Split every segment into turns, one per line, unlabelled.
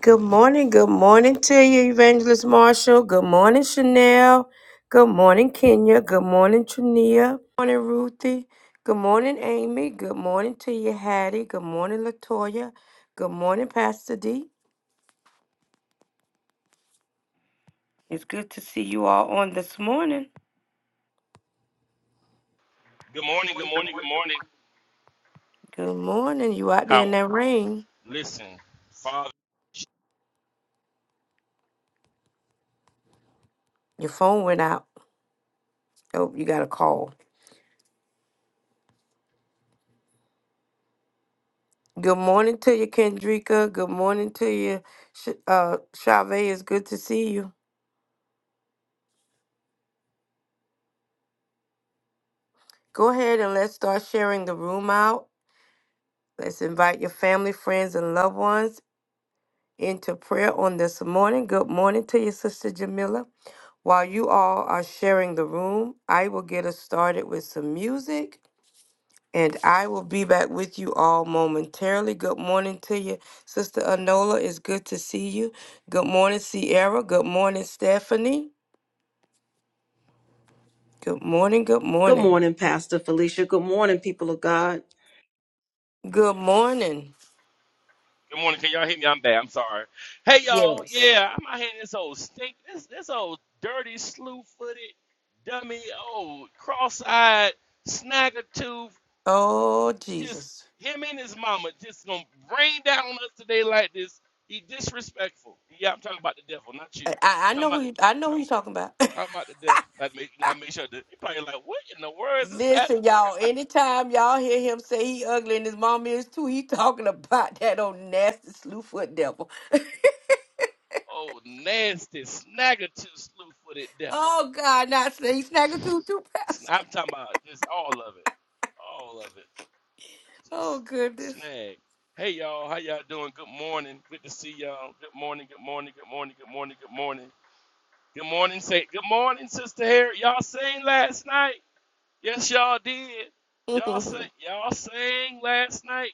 Good morning. Good morning to you, Evangelist Marshall. Good morning, Chanel. Good morning, Kenya. Good morning, Trania. Good morning, Ruthie. Good morning, Amy. Good morning to you, Hattie. Good morning, Latoya. Good morning, Pastor D. It's good to see you all on this morning.
Good morning, good morning, good morning.
Good morning. You out there in
How?
that rain.
Listen, Father.
Your phone went out. Oh, you got a call. Good morning to you, Kendrika. Good morning to you, Sh- uh, Chavez. It's good to see you. Go ahead and let's start sharing the room out. Let's invite your family, friends, and loved ones into prayer on this morning. Good morning to your sister Jamila. While you all are sharing the room, I will get us started with some music and I will be back with you all momentarily. Good morning to you, Sister Anola. It's good to see you. Good morning, Sierra. Good morning, Stephanie. Good morning. Good
Good
morning.
morning, Pastor Felicia. Good morning, people of God.
Good morning.
Good morning. Can y'all hear me? I'm bad. I'm sorry. Hey, y'all.
Yes.
Yeah, I'm out here in this old stink, this this old dirty, slew-footed, dummy, old cross-eyed, snagger-tooth.
Oh,
Just
Jesus.
him and his mama just gonna rain down on us today like this. He disrespectful. Yeah, I'm talking about the devil, not you.
I, I
talking
know who
about the
you, I know who you
talking,
talking about.
talking about the devil. I make, I make sure that he probably like, what in the world is this pastor
Listen,
talking about?
y'all. Anytime y'all hear him say he ugly and his mom is too, he talking about that old nasty slewfoot devil.
Oh, nasty snaggertooth slew footed devil.
Oh God, not say snagger too too
I'm
fast.
talking about just all of it. All of it.
Oh
Just
goodness.
snag. Hey y'all, how y'all doing? Good morning. Good to see y'all. Good morning, good morning, good morning, good morning, good morning. Good morning, say good morning, Sister Harry. Y'all seen last night? Yes, y'all did. Y'all sang.
mm.
Y'all sang last night.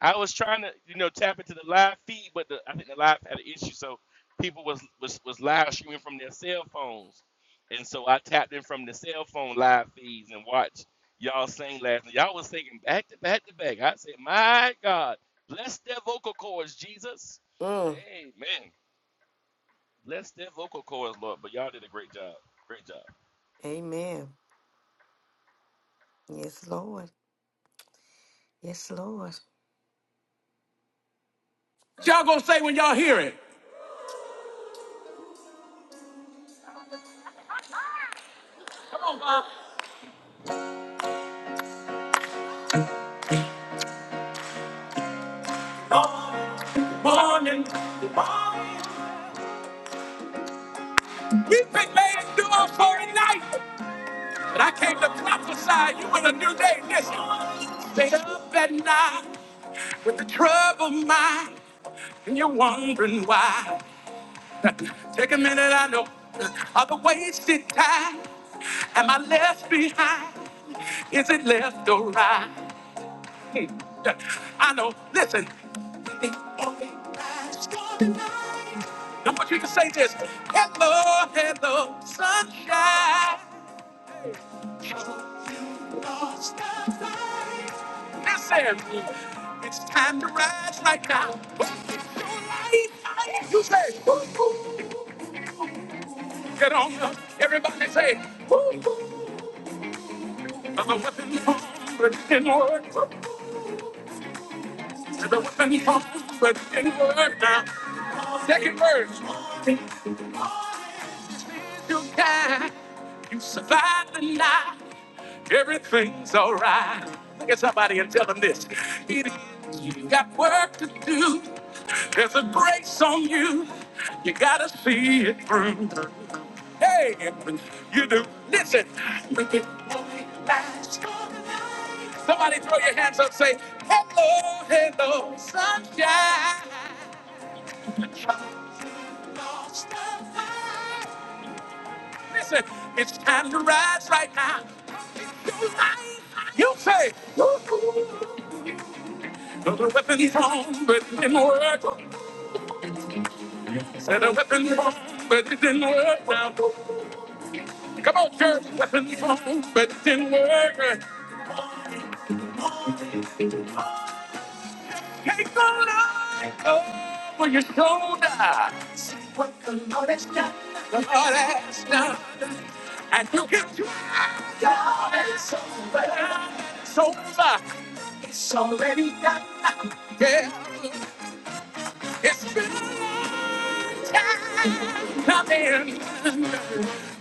I was trying to, you know, tap into the live feed, but the, I think the live had an issue, so people was was was live streaming from their cell phones, and so I tapped in from the cell phone live feeds and watched y'all sing last night. Y'all was singing back to back to back. I said, "My God, bless their vocal cords, Jesus." Amen. Bless their vocal cords, Lord. But y'all did a great job. Great job.
Amen. Yes, Lord. Yes, Lord. Y'all gonna say when y'all hear it. Morning, morning. We been ladies do our for night. But I came to prophesy you in a new day. Listen, stay up at night with a troubled mind, and you're wondering why. Take a minute, I know. All the wasted time, am I left behind? Is it left or right? Hmm. I know. Listen. It only lasts for the night. I want you to say this. Hello, hello, sunshine. Listen, it's time to rise right now. You say, get on up. Everybody say, I'm a weapon formed, but it didn't work. Never when you home, but in word now. Second verse. You died, you survived the night. Everything's alright. Look at somebody and tell them this. It is, you got work to do. There's a grace on you. You gotta see it through. Hey, you do. Listen. Make it only last. Somebody throw your hands up, say, hello, hello, sunshine. Listen, it's time to rise right now. You say, "Though the weapon formed, but it didn't work. Said a weapon formed, but it didn't work now. Come on, church, weapon formed, but it didn't work. Take the light over your shoulder. See what the Lord has done. The Lord has done. And you can try. God, it's over. It's over. It's already done. Yeah. It's been a long time coming.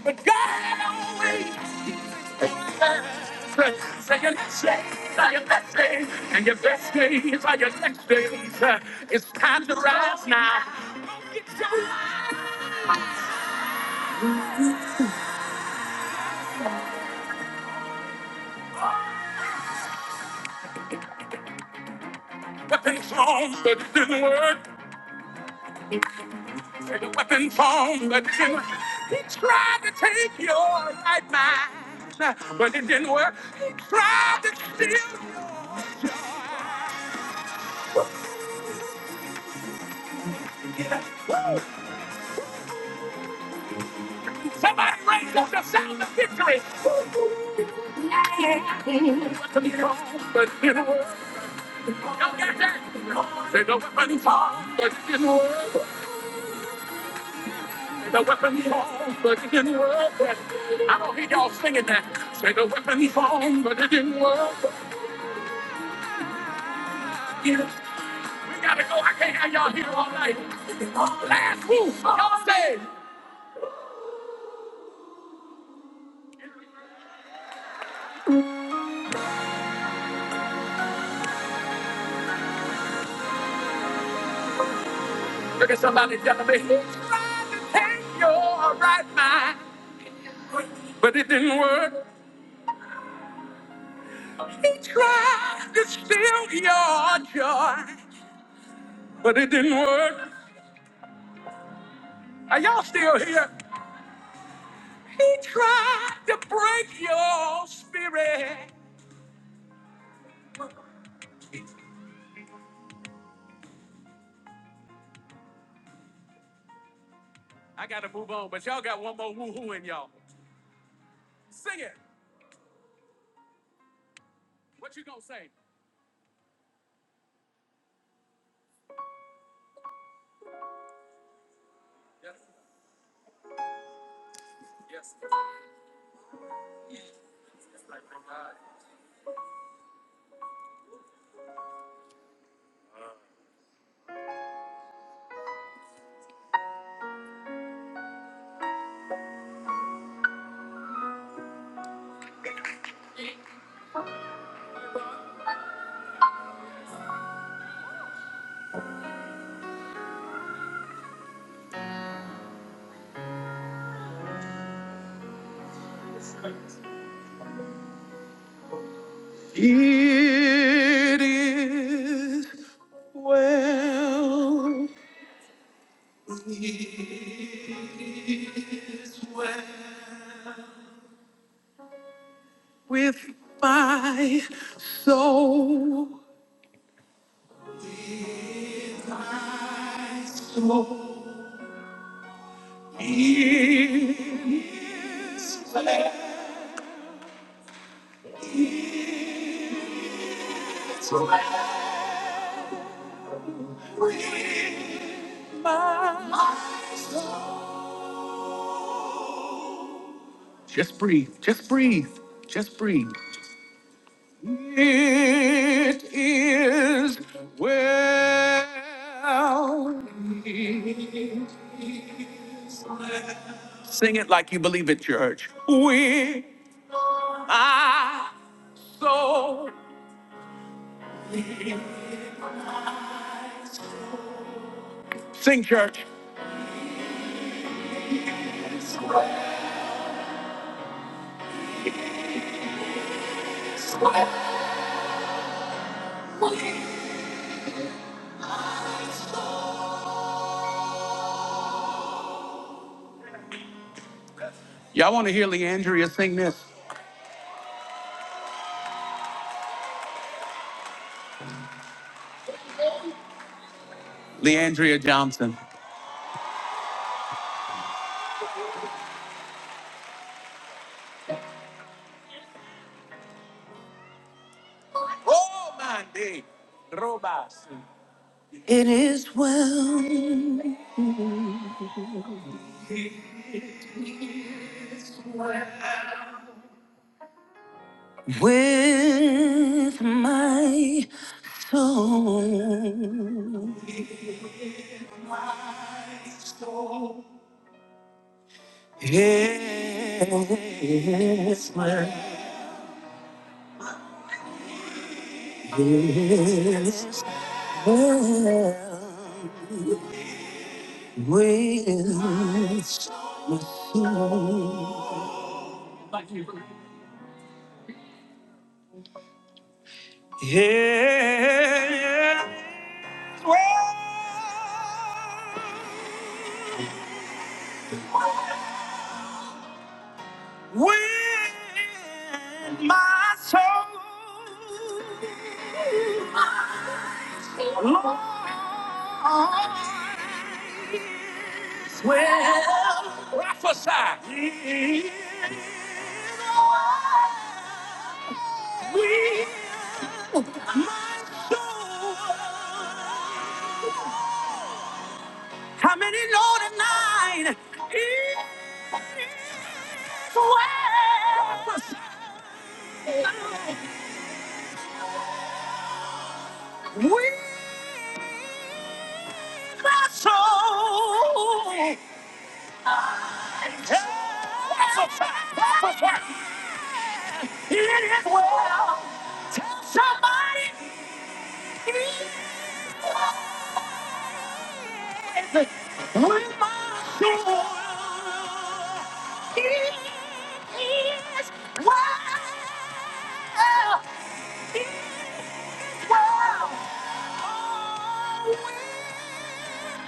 But God always so your next days are your best days, and your best days are your next days. Uh, It's time to rise now. Weapon formed, but it didn't work. Say the weapon formed, but it didn't work. He tried to take your right mind, uh, but it didn't work. He tried to steal your Somebody raise up the sound of victory. Weapon formed, but it didn't work. Say the weapon is formed, but it didn't work. The weapon is but it didn't work. I don't hear y'all singing that. Say the weapon is but it didn't work. Yeah. We gotta go. I can't have y'all here all night. Last move. Y'all say. Look at somebody telling me. He tried to take your right mind, but it didn't work. He tried to steal your joy, but it didn't work. Are y'all still here? He tried to break your spirit. I gotta move on, but y'all got one more woo-hoo in y'all. Sing it. What you gonna say? Yes, yes. Just breathe. Just breathe. Just breathe. It is well. Sing it like you believe it, church. We are so. Sing, church. Y'all want to hear Leandria sing this? Leandria Johnson. Oh, my day. Robots. It is well with my soul. Yes, well, yes, well with yes, well with my Prophesy. We do. How many know tonight? It is well. Prophesy. We my soul. Prophesy. Prophesy. It is well. Tell somebody. It is With my soul, it is well. it's well. Oh, with my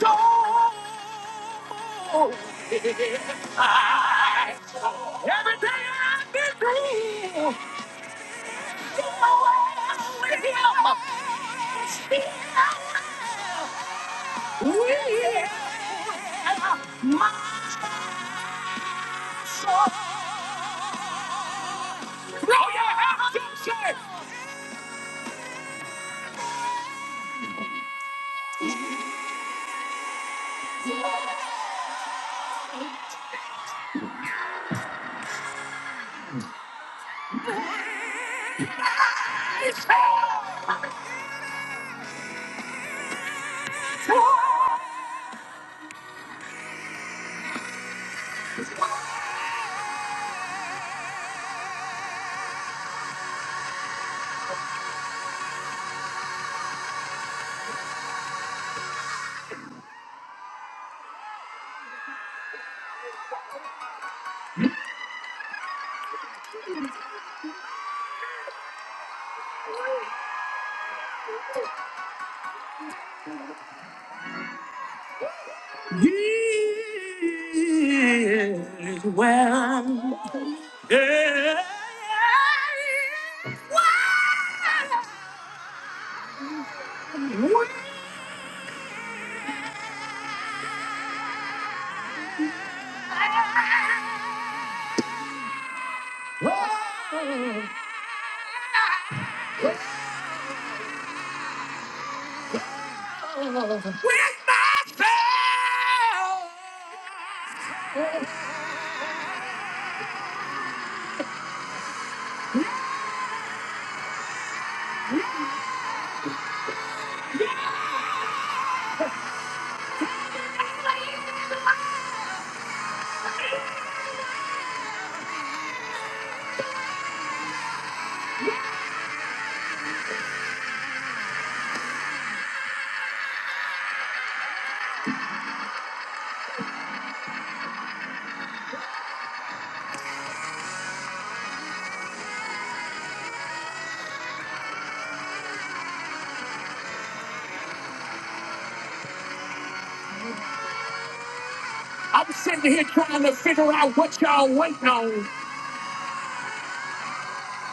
soul, my soul. Everything I've been through, all you have to say, He is well. Yeah. With myself. I'm sitting here trying to figure out what y'all waiting on.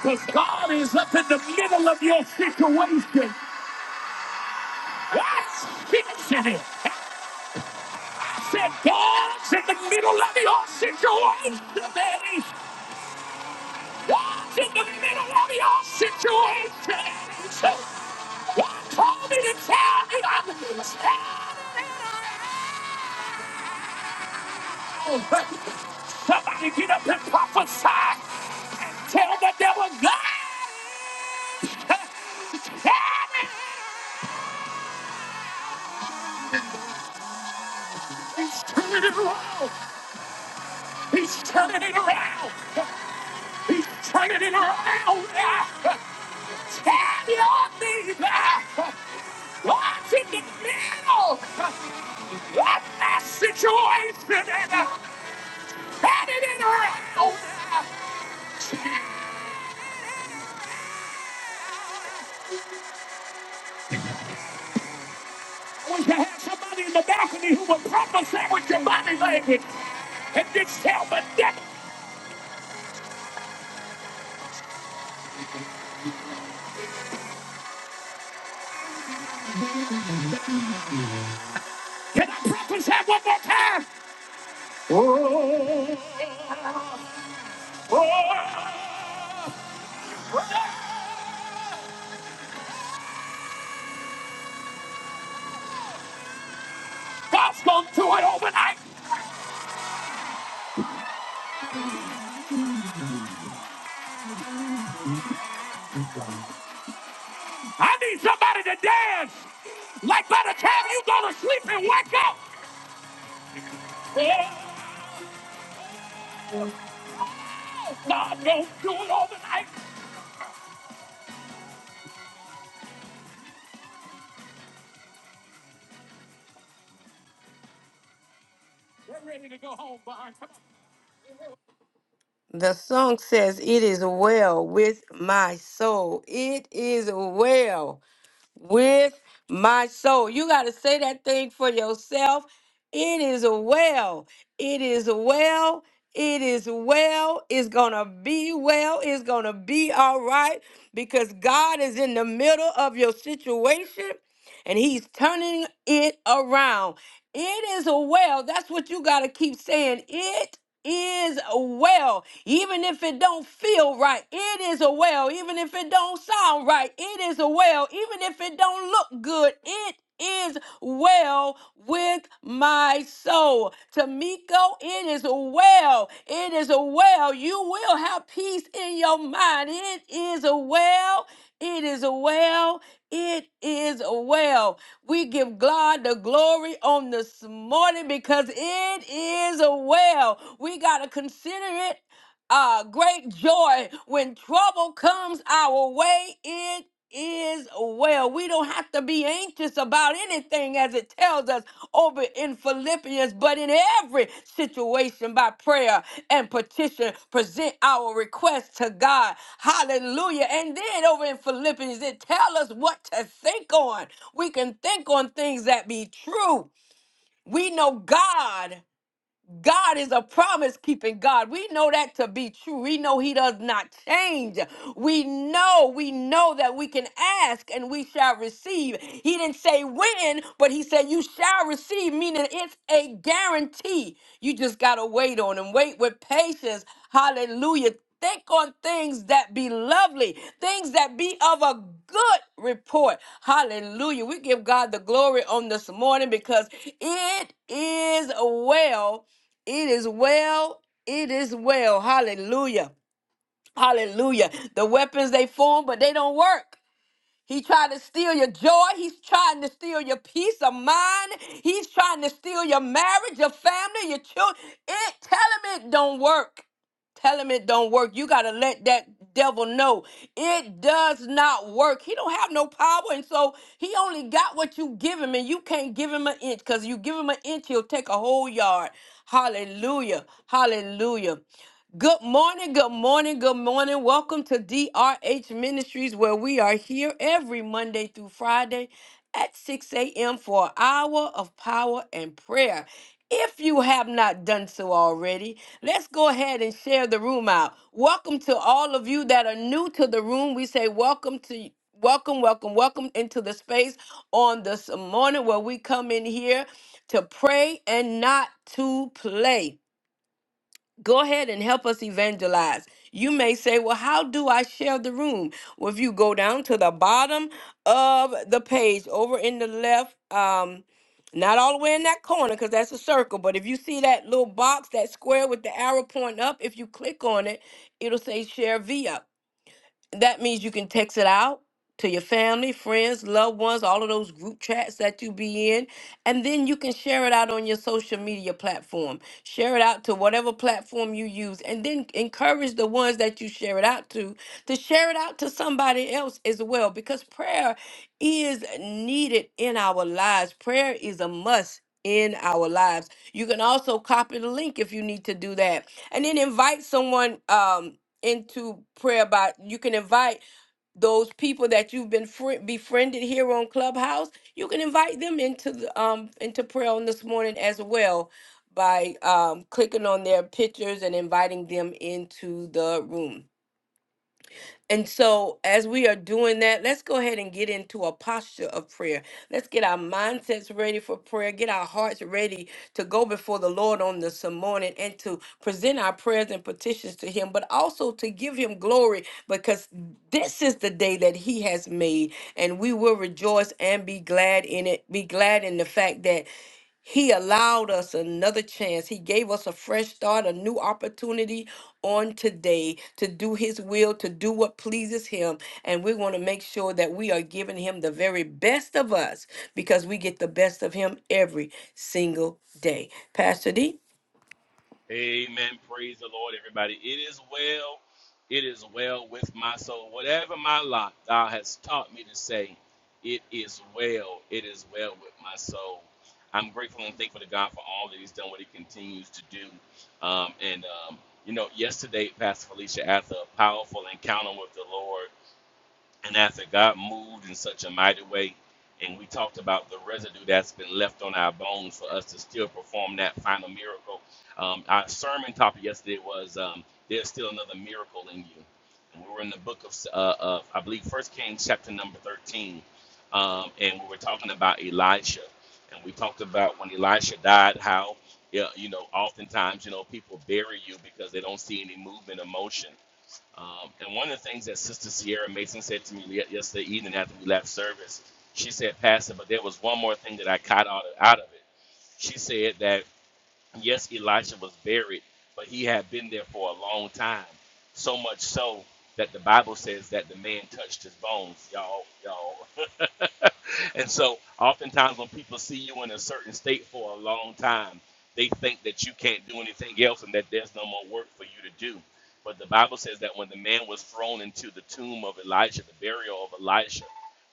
Because God is up in the middle of your situation. That's fixing it. I said, God's in the middle of your situation. baby. God's in the middle of your situation. God told me to tell you I'm standing now. Somebody get up and prophesy and tell the devil God. He's turning it around. He's turning it around. He's turning it around. Stand your knees. Watch in the middle of that situation and turning it around. I wish I had somebody in the balcony who would prophesy with your body language and just tell the devil. Can I prophesy one more time? Oh, oh, oh. God's gonna do it overnight. I need somebody to dance. Like by the time you go to sleep and wake up. Oh, God, don't do it overnight. We're ready to go home, Barn. Come on. The song says, It is well with my soul. It is well. with my soul. You got to say that thing for yourself. It is well. It is well. It is well. It's going to be well. It's going to be all right because God is in the middle of your situation and he's turning it around. It is well. That's what you got to keep saying. It is well. Even if it don't feel right, it is a well. Even if it don't sound right, it is a well. Even if it don't look good, it is well with my soul. Tamiko, it is well. It is well. You will have peace in your mind. It is well it is well. It is well. We give God the glory on this morning because it is well. We got to consider it uh, great joy when trouble comes our way. It is well. We don't have to be anxious about anything as it tells us over in Philippians, but in every situation by prayer and petition, present our request to God. Hallelujah. And then over in Philippians, it tells us what to think on. We can think on things that be true. We know God. God is a promise keeping God. We know that to be true. We know He does not change. We know, we know that we can ask and we shall receive. He didn't say when, but He said you shall receive, meaning it's a guarantee. You just got to wait on Him. Wait with patience. Hallelujah. Think on things that be lovely, things that be of a good report. Hallelujah. We give God the glory on this morning because it is well. It is well. It is well. Hallelujah. Hallelujah. The weapons they form, but they don't work. He tried to steal your joy. He's trying to steal your peace of mind. He's trying to steal your marriage, your family, your children. It tell him it don't work. Tell him it don't work. You gotta let that devil know it does not work. He don't have no power, and so he only got what you give him, and you can't give him an inch. Cause you give him an inch, he'll take a whole yard. Hallelujah! Hallelujah! Good morning, good morning, good morning. Welcome to DRH Ministries, where we are here every Monday through Friday at 6 a.m. for an hour of power and prayer. If you have not done so already, let's go ahead and share the room out. Welcome to all of you that are new to the room. We say welcome to welcome, welcome, welcome into the space on this morning where we come in here to pray and not to play go ahead and help us evangelize. You may say, Well, how do I share the room? Well, if you go down to the bottom of the page over in the left, um, not all the way in that corner because that's a circle, but if you see that little box, that square with the arrow pointing up, if you click on it, it'll say share via. That means you can text it out to your family, friends, loved ones, all of those group chats that you be in, and then you can share it out on your social media platform. Share it out to whatever platform you use, and then encourage the ones that you share it out to to share it out to somebody else as well because prayer is needed in our lives. Prayer is a must. In our lives, you can also copy the link if you need to do that, and then invite someone. Um, into prayer by you can invite those people that you've been fri befriended here on clubhouse you can invite them into the um into prayer on this morning as well by um clicking on their pictures and inviting them into the room and so, as we are doing that, let's go ahead and get into a posture of prayer. Let's get our mindsets ready for prayer, get our hearts ready to go before the Lord on this morning and to present our prayers and petitions to Him, but also to give Him glory because this is the day that He has made, and we will rejoice and be glad in it. Be glad in the fact that he allowed us another chance. He gave us a fresh start, a new opportunity on today to do His will, to do what pleases Him. And we want to make sure that we are giving Him the very best of us because we get the best of Him every single day. Pastor D.
Amen. Praise the Lord, everybody. It is well. It is well with my soul. Whatever my lot, thou hast taught me to say, it is well. It is well with my soul. I'm grateful and thankful to God for all that He's done, what He continues to do. Um, and, um, you know, yesterday, Pastor Felicia had a powerful encounter with the Lord. And after God moved in such a mighty way, and we talked about the residue that's been left on our bones for us to still perform that final miracle. Um, our sermon topic yesterday was um, there's still another miracle in you. And we were in the book of, uh, of I believe, First Kings chapter number 13, um, and we were talking about Elisha. And we talked about when Elisha died, how, yeah, you know, oftentimes, you know, people bury you because they don't see any movement or motion. Um, and one of the things that Sister Sierra Mason said to me yesterday evening after we left service, she said, Pastor, but there was one more thing that I caught out of, out of it. She said that, yes, Elisha was buried, but he had been there for a long time. So much so that the Bible says that the man touched his bones. Y'all, y'all, and so, oftentimes, when people see you in a certain state for a long time, they think that you can't do anything else and that there's no more work for you to do. But the Bible says that when the man was thrown into the tomb of Elijah, the burial of Elijah,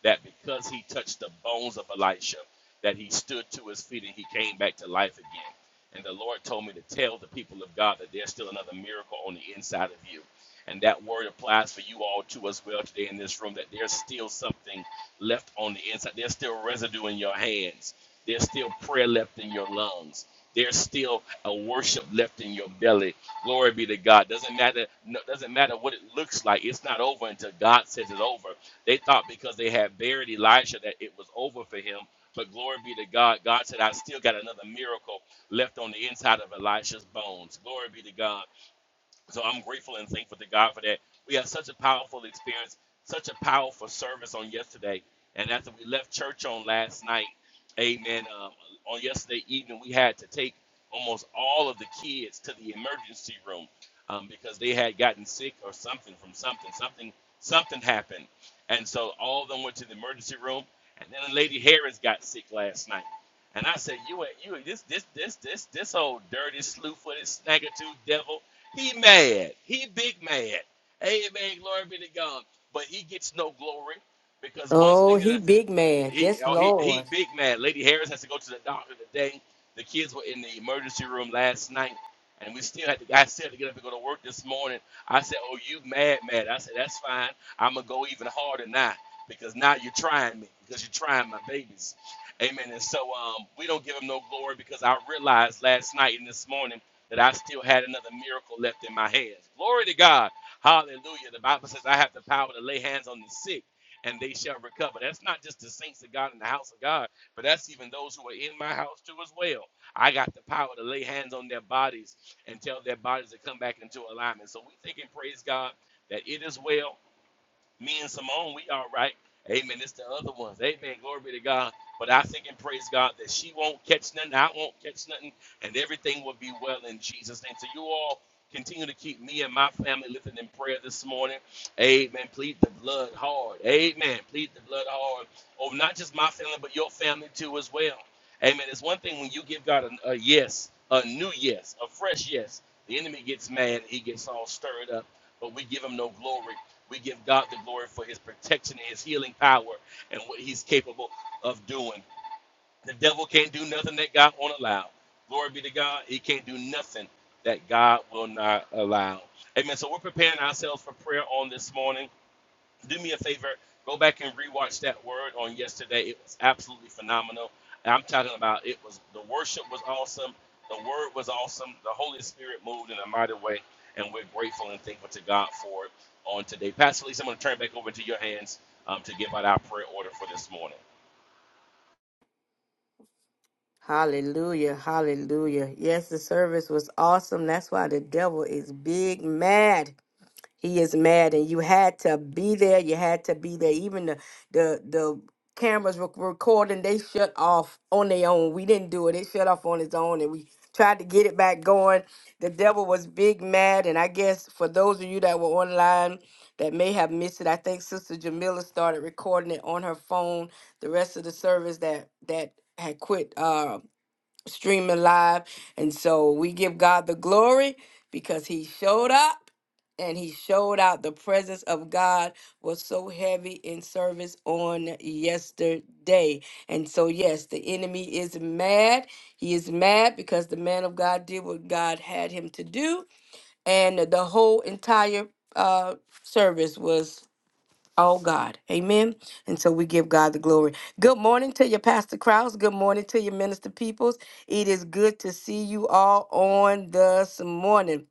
that because he touched the bones of Elisha, that he stood to his feet and he came back to life again. And the Lord told me to tell the people of God that there's still another miracle on the inside of you. And that word applies for you all to as well today in this room that there's still something left on the inside. There's still residue in your hands. There's still prayer left in your lungs. There's still a worship left in your belly. Glory be to God. Doesn't matter. No, doesn't matter what it looks like. It's not over until God says it's over. They thought because they had buried Elisha that it was over for him. But glory be to God. God said, "I still got another miracle left on the inside of Elisha's bones." Glory be to God. So I'm grateful and thankful to God for that. We had such a powerful experience, such a powerful service on yesterday. And after we left church on last night, amen, um, on yesterday evening, we had to take almost all of the kids to the emergency room um, because they had gotten sick or something from something. Something something happened. And so all of them went to the emergency room. And then Lady Harris got sick last night. And I said, you ain't, you ain't, this, this, this, this, this old dirty, slew-footed, snagger-tooth devil he mad. He big mad. Amen. Glory be to God. But he gets no glory because one
Oh,
thing that
he
uh,
big man.
he
Yes,
oh, he he
Lord.
big mad. Lady Harris has to go to the doctor today. The kids were in the emergency room last night, and we still had to. I still had to get up and go to work this morning. I said, "Oh, you mad, mad?" I said, "That's fine. I'm gonna go even harder now because now you're trying me because you're trying my babies." Amen. And so um, we don't give him no glory because I realized last night and this morning that I still had another miracle left in my hands. Glory to God. Hallelujah. The Bible says I have the power to lay hands on the sick and they shall recover. That's not just the saints of God in the house of God, but that's even those who are in my house too as well. I got the power to lay hands on their bodies and tell their bodies to come back into alignment. So we think and praise God that it is well. Me and Simone, we all right. Amen. It's the other ones. Amen. Glory be to God. But I think and praise God that she won't catch nothing. I won't catch nothing. And everything will be well in Jesus' name. So you all continue to keep me and my family lifted in prayer this morning. Amen. Plead the blood hard. Amen. Plead the blood hard Oh, not just my family, but your family too as well. Amen. It's one thing when you give God a, a yes, a new yes, a fresh yes. The enemy gets mad. He gets all stirred up. But we give him no glory. We give God the glory for his protection and his healing power and what he's capable of doing. The devil can't do nothing that God won't allow. Glory be to God. He can't do nothing that God will not allow. Amen. So we're preparing ourselves for prayer on this morning do me a favor, go back and rewatch that word on yesterday. It was absolutely phenomenal. And I'm talking about it was the worship was awesome, the word was awesome, the Holy Spirit moved in a mighty way, and we're grateful and thankful to God for it on today. Pastor Lisa, I'm going to turn it back over to your hands um, to give out our prayer order for this morning.
Hallelujah. Hallelujah. Yes, the service was awesome. That's why the devil is big mad. He is mad, and you had to be there. You had to be there. Even the the the cameras were recording. They shut off on their own. We didn't do it. It shut off on its own, and we tried to get it back going. The devil was big mad, and I guess for those of you that were online that may have missed it, I think Sister Jamila started recording it on her phone. The rest of the service that that had quit. uh streaming live. And so we give God the glory because he showed up and he showed out. The presence of God was so heavy in service on yesterday. And so, yes, the enemy is mad. He is mad because the man of God did what God had him to do. And the whole entire uh, service was all God. Amen. And so we give God the glory. Good morning to you, Pastor Krause. Good morning to you, Minister Peoples. It is good to see you all on this morning.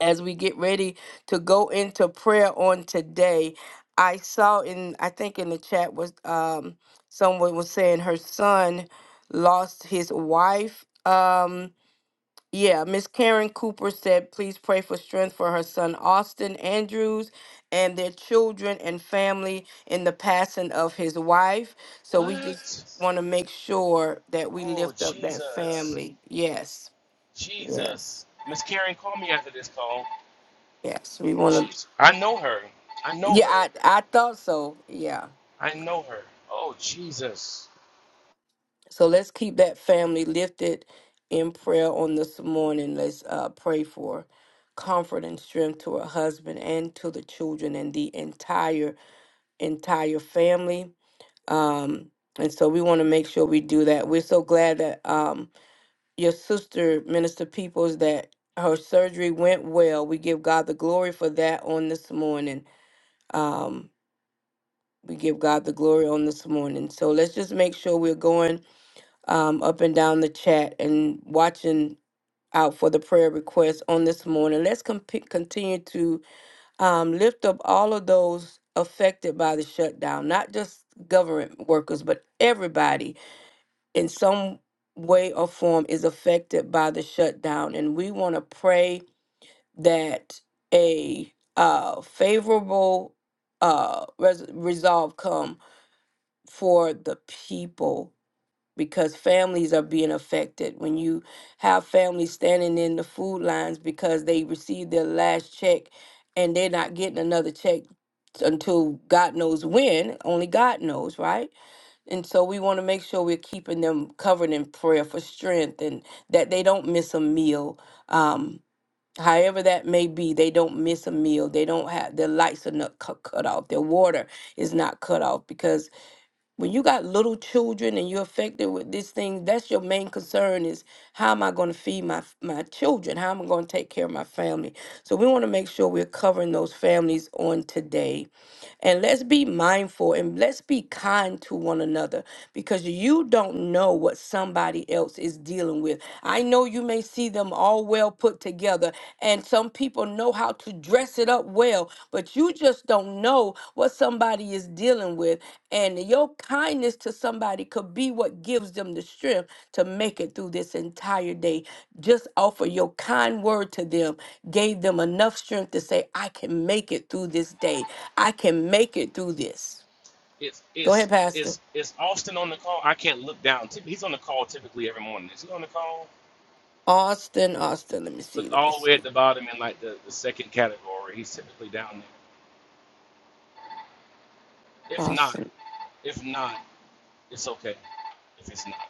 As we get ready to go into prayer on today, I saw in I think in the chat was um someone was saying her son lost his wife. Um yeah, Miss Karen Cooper said, please pray for strength for her son Austin Andrews and their children and family in the passing of his wife. So we just
What?
want to make sure that we
Oh
lift up that
Jesus,
family. Yes,
Jesus,
yes,
Miss Karen, call me after this call.
yes. We want to.
Jesus, I know her, I know
Yeah,
her,
I, I thought so. Yeah.
I know her. Oh Jesus.
So let's keep that family lifted in prayer on this morning. Let's uh, pray for comfort and strength to her husband and to the children and the entire entire family. Um, and so we want to make sure we do that. We're so glad that um, your sister, Minister Peoples, that her surgery went well. We give God the glory for that on this morning. Um, we give God the glory on this morning. So let's just make sure we're going um, up and down the chat and watching out for the prayer requests on this morning. Let's com- continue to um, lift up all of those affected by the shutdown, not just government workers, but everybody in some way or form is affected by the shutdown. And we want to pray that a uh, favorable uh, res- resolve come for the people because families are being affected. When you have families standing in the food lines because they received their last check and they're not getting another check until God knows when, only God knows, right? And so we want to make sure we're keeping them covered in prayer for strength and that they don't miss a meal. Um, however that may be, they don't miss a meal. They don't have their lights are not cu- cut off. Their water is not cut off because when you got little children and you're affected with this thing that's your main concern is how am i going to feed my my children how am i going to take care of my family so we want to make sure we're covering those families on today and let's be mindful and let's be kind to one another because you don't know what somebody else is dealing with. I know you may see them all well put together, and some people know how to dress it up well, but you just don't know what somebody is dealing with. And your kindness to somebody could be what gives them the strength to make it through this entire day. Just offer your kind word to them, gave them enough strength to say, I can make it through this day. I can make it through this.
Is
Go
is
ahead, Pastor.
is is Austin on the call? I can't look down. Typ- He's on the call typically every morning. Is he on the call?
Austin, Austin. Let me
Look
see. Let me
all the way
see.
at the bottom in like the, the second category. He's typically down there. If not,
Austin.
if not, it's okay. If it's not,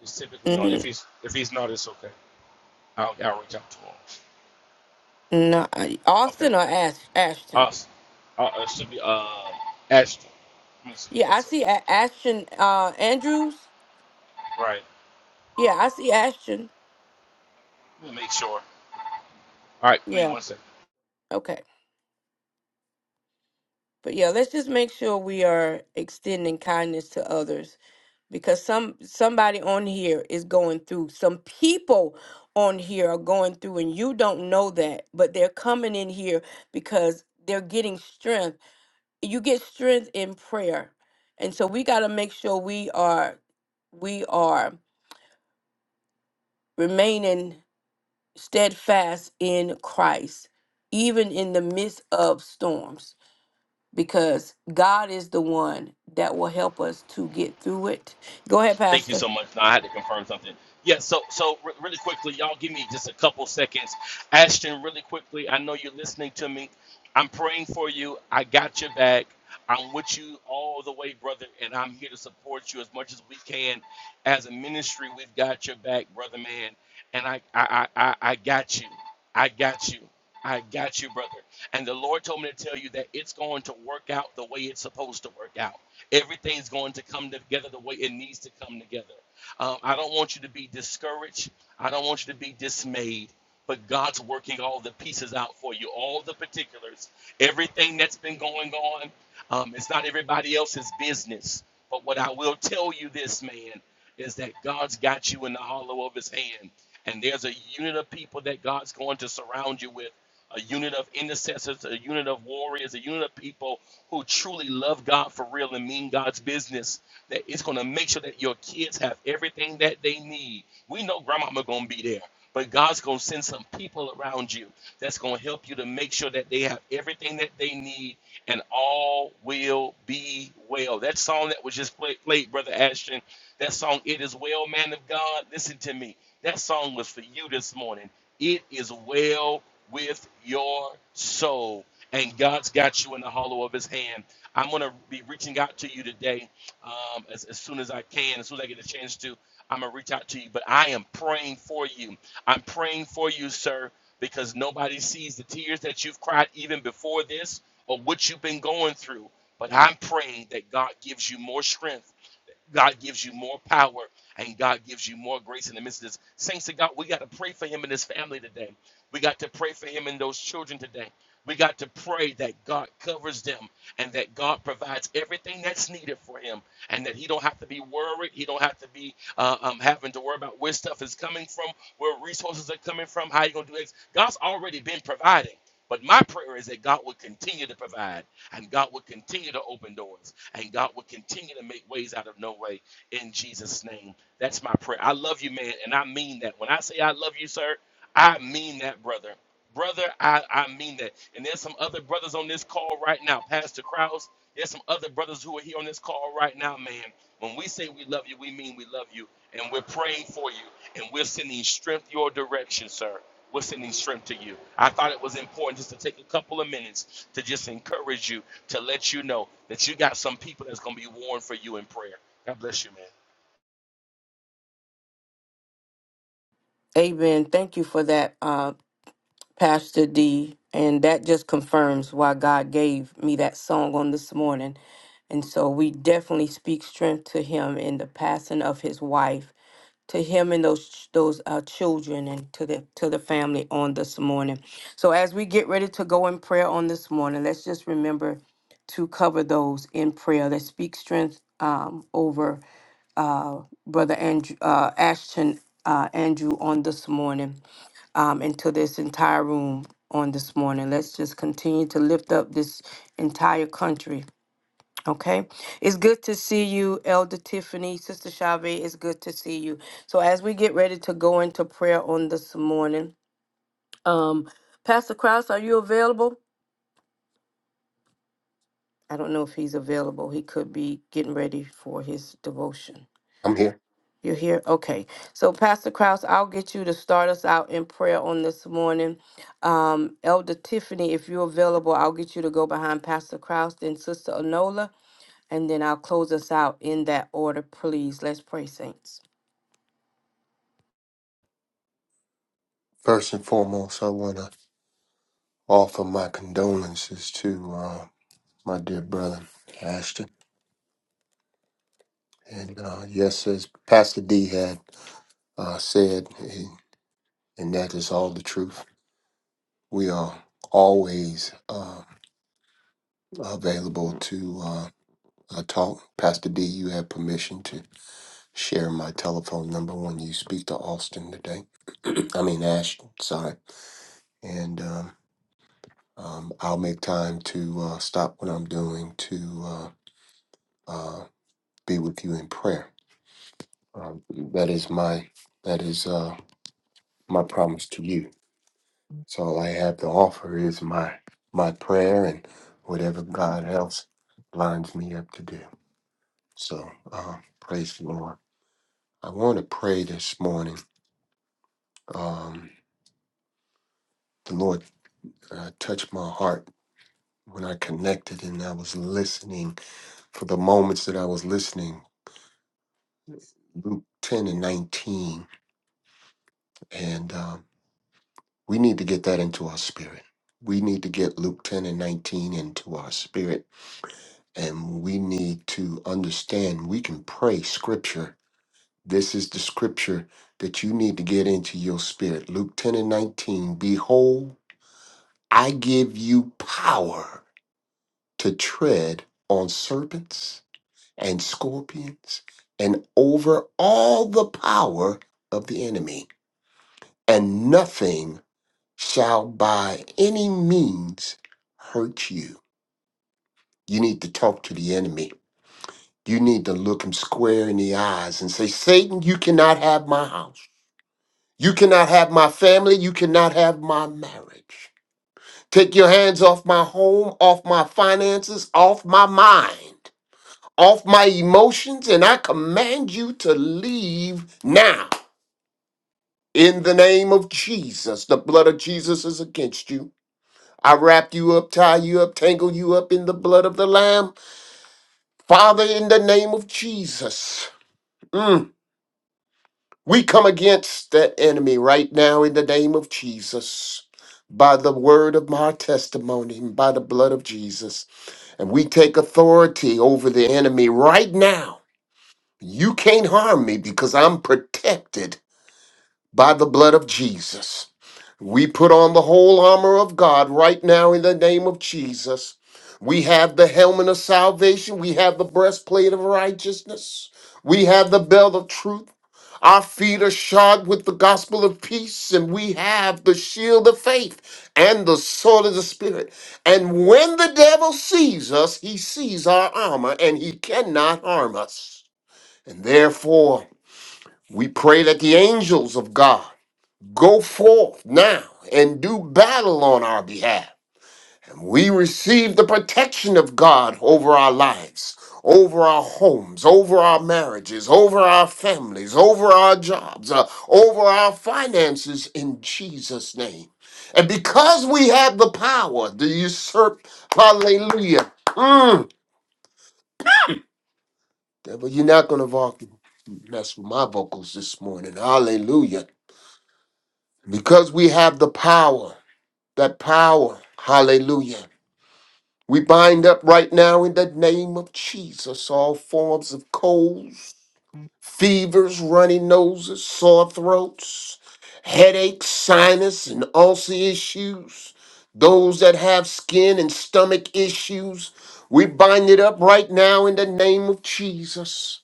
he's typically on. If
Mm,
he's if he's not, it's okay. I'll, I'll reach out to him.
no, I-
Okay.
Austin or Ash, Ashton?
Us. Uh, uh, it should be uh Ashton. Let me see.
Yeah,
One
I
second.
see A- Ashton uh, Andrews.
Right.
Yeah, I see Ashton.
Let me make sure. All right. Give me
Yeah,
one second.
okay. But yeah, let's just make sure we are extending kindness to others because some somebody on here is going through. Some people on here are going through, and you don't know that, but they're coming in here because they're getting strength you get strength in prayer and so we got to make sure we are we are remaining steadfast in christ even in the midst of storms because god is the one that will help us to get through it go ahead
Thank you
pastor
so much. Now I had to confirm something. Yeah, so so re- really quickly, y'all give me just a couple seconds. Ashton, really quickly, I know you're listening to me. I'm praying for you. I got your back. I'm with you all the way, brother, and I'm here to support you as much as we can. As a ministry, we've got your back, brother man. And I I I, I I got you. I got you. I got you, brother. And the Lord told me to tell you that it's going to work out the way it's supposed to work out everything's going to come together the way it needs to come together. Um, I don't want you to be discouraged. I don't want you to be dismayed. But God's working all the pieces out for you, all the particulars, everything that's been going on. Um, it's not everybody else's business. But what I will tell you this, man, is that God's got you in the hollow of his hand. And there's a unit of people that God's going to surround you with a unit of intercessors, a unit of warriors, a unit of people who truly love God for real and mean God's business, that it's going to make sure that your kids have everything that they need. We know grandmama going to be there, but God's going to send some people around you that's going to help you to make sure that they have everything that they need and all will be well. That song that was just play, played, Brother Ashton, that song, It Is Well, Man of God, listen to me. That song was for you this morning. It is well with your soul. And God's got you in the hollow of his hand. I'm going to be reaching out to you today um, as, as soon as I can, as soon as I get a chance to. I'm going to reach out to you. But I am praying for you. I'm praying for you, sir, because nobody sees the tears that you've cried even before this or what you've been going through. But I'm praying that God gives you more strength God gives you more power and God gives you more grace in the midst of this. Saints of God, we got to pray for him and his family today. We got to pray for him and those children today. We got to pray that God covers them and that God provides everything that's needed for him and that he don't have to be worried. He don't have to be uh, um, having to worry about where stuff is coming from, where resources are coming from, how you going to do it. God's already been providing. But my prayer is that God will continue to provide. And God will continue to open doors. And God will continue to make ways out of no way in Jesus' name. That's my prayer. I love you, man. And I mean that. When I say I love you, sir, I mean that, brother brother, I, I mean that. And there's some other brothers on this call right now, Pastor Krause. There's some other brothers who are here on this call right now, man. When we say we love you, we mean we love you, and we're praying for you, and we're sending strength your direction, sir. We're sending strength to you. I thought it was important just to take a couple of minutes to just encourage you, to let you know that you got some people that's going to be warned for you in prayer. God bless you, man.
amen thank you for that Uh Pastor D. And that just confirms why God gave me that song on this morning. And so we definitely speak strength to him in the passing of his wife, to him and those ch- those uh, children, and to the to the family on this morning. So as we get ready to go in prayer on this morning, let's just remember to cover those in prayer. Let's speak strength um, over uh, brother Andrew uh, Ashton uh, Andrew on this morning um, and this entire room on this morning. Let's just continue to lift up this entire country. Okay, it's good to see you, Elder Tiffany, Sister Chavez. It's good to see you. So as we get ready to go into prayer on this morning, um, Pastor Krause, are you available? I don't know if he's available. He could be getting ready for his devotion.
I'm here.
You're here? Okay. So, Pastor Krause, I'll get you to start us out in prayer on this morning. Um, Elder Tiffany, if you're available, I'll get you to go behind Pastor Krause, then Sister Anola, and then I'll close us out in that order, please. Let's pray, Saints.
First and foremost, I want to offer my condolences to uh, my dear brother, Ashton. And uh, yes, as Pastor D had uh, said, and and that is all the truth, we are always uh, available to uh, uh, talk. Pastor D, you have permission to share my telephone number when you speak to Austin today. I mean, Ashton, sorry. And um, um, I'll make time to uh, stop what I'm doing to. Uh, uh, be with you in prayer. Um, that is my that is uh, my promise to you. So all I have to offer is my my prayer and whatever God else lines me up to do. So uh, praise the Lord. I want to pray this morning. Um, the Lord uh, touched my heart when I connected and I was listening for the moments that I was listening. Luke ten and nineteen, and um, We need to get that into our spirit. We need to get Luke 10 and 19 into our spirit. And we need to understand we can pray scripture. This is the scripture that you need to get into your spirit. Luke 10 and 19 Behold, I give you power to tread on serpents and scorpions and over all the power of the enemy, and nothing shall by any means hurt you. You need to talk to the enemy. You need to look him square in the eyes and say, Satan, you cannot have my house. You cannot have my family. You cannot have my marriage. Take your hands off my home, off my finances, off my mind, off my emotions, and I command you to leave now. In the name of Jesus, the blood of Jesus is against you. I wrap you up, tie you up, tangle you up in the blood of the Lamb. Father, in the name of Jesus, mm, we come against that enemy right now in the name of Jesus. By the word of my testimony, and by the blood of Jesus. And we take authority over the enemy right now. You can't harm me because I'm protected by the blood of Jesus. We put on the whole armor of God right now in the name of Jesus. We have the helmet of salvation. We have the breastplate of righteousness. We have the belt of truth. Our feet are shod with the gospel of peace, and we have the shield of faith and the sword of the Spirit. And when the devil sees us, he sees our armor and he cannot harm us. And therefore, we pray that the angels of God Go forth now and do battle on our behalf. And we receive the protection of God over our lives, over our homes, over our marriages, over our families, over our jobs, uh, over our finances in Jesus' name. And because we have the power to usurp, hallelujah. Mm, devil, you're not going to voc- mess with my vocals this morning. Hallelujah. Because we have the power. that power. Hallelujah. We bind up right now in the name of Jesus all forms of colds, fevers, runny noses, sore throats, headaches, sinus, and ulcer issues. Those that have skin and stomach issues, we bind it up right now in the name of Jesus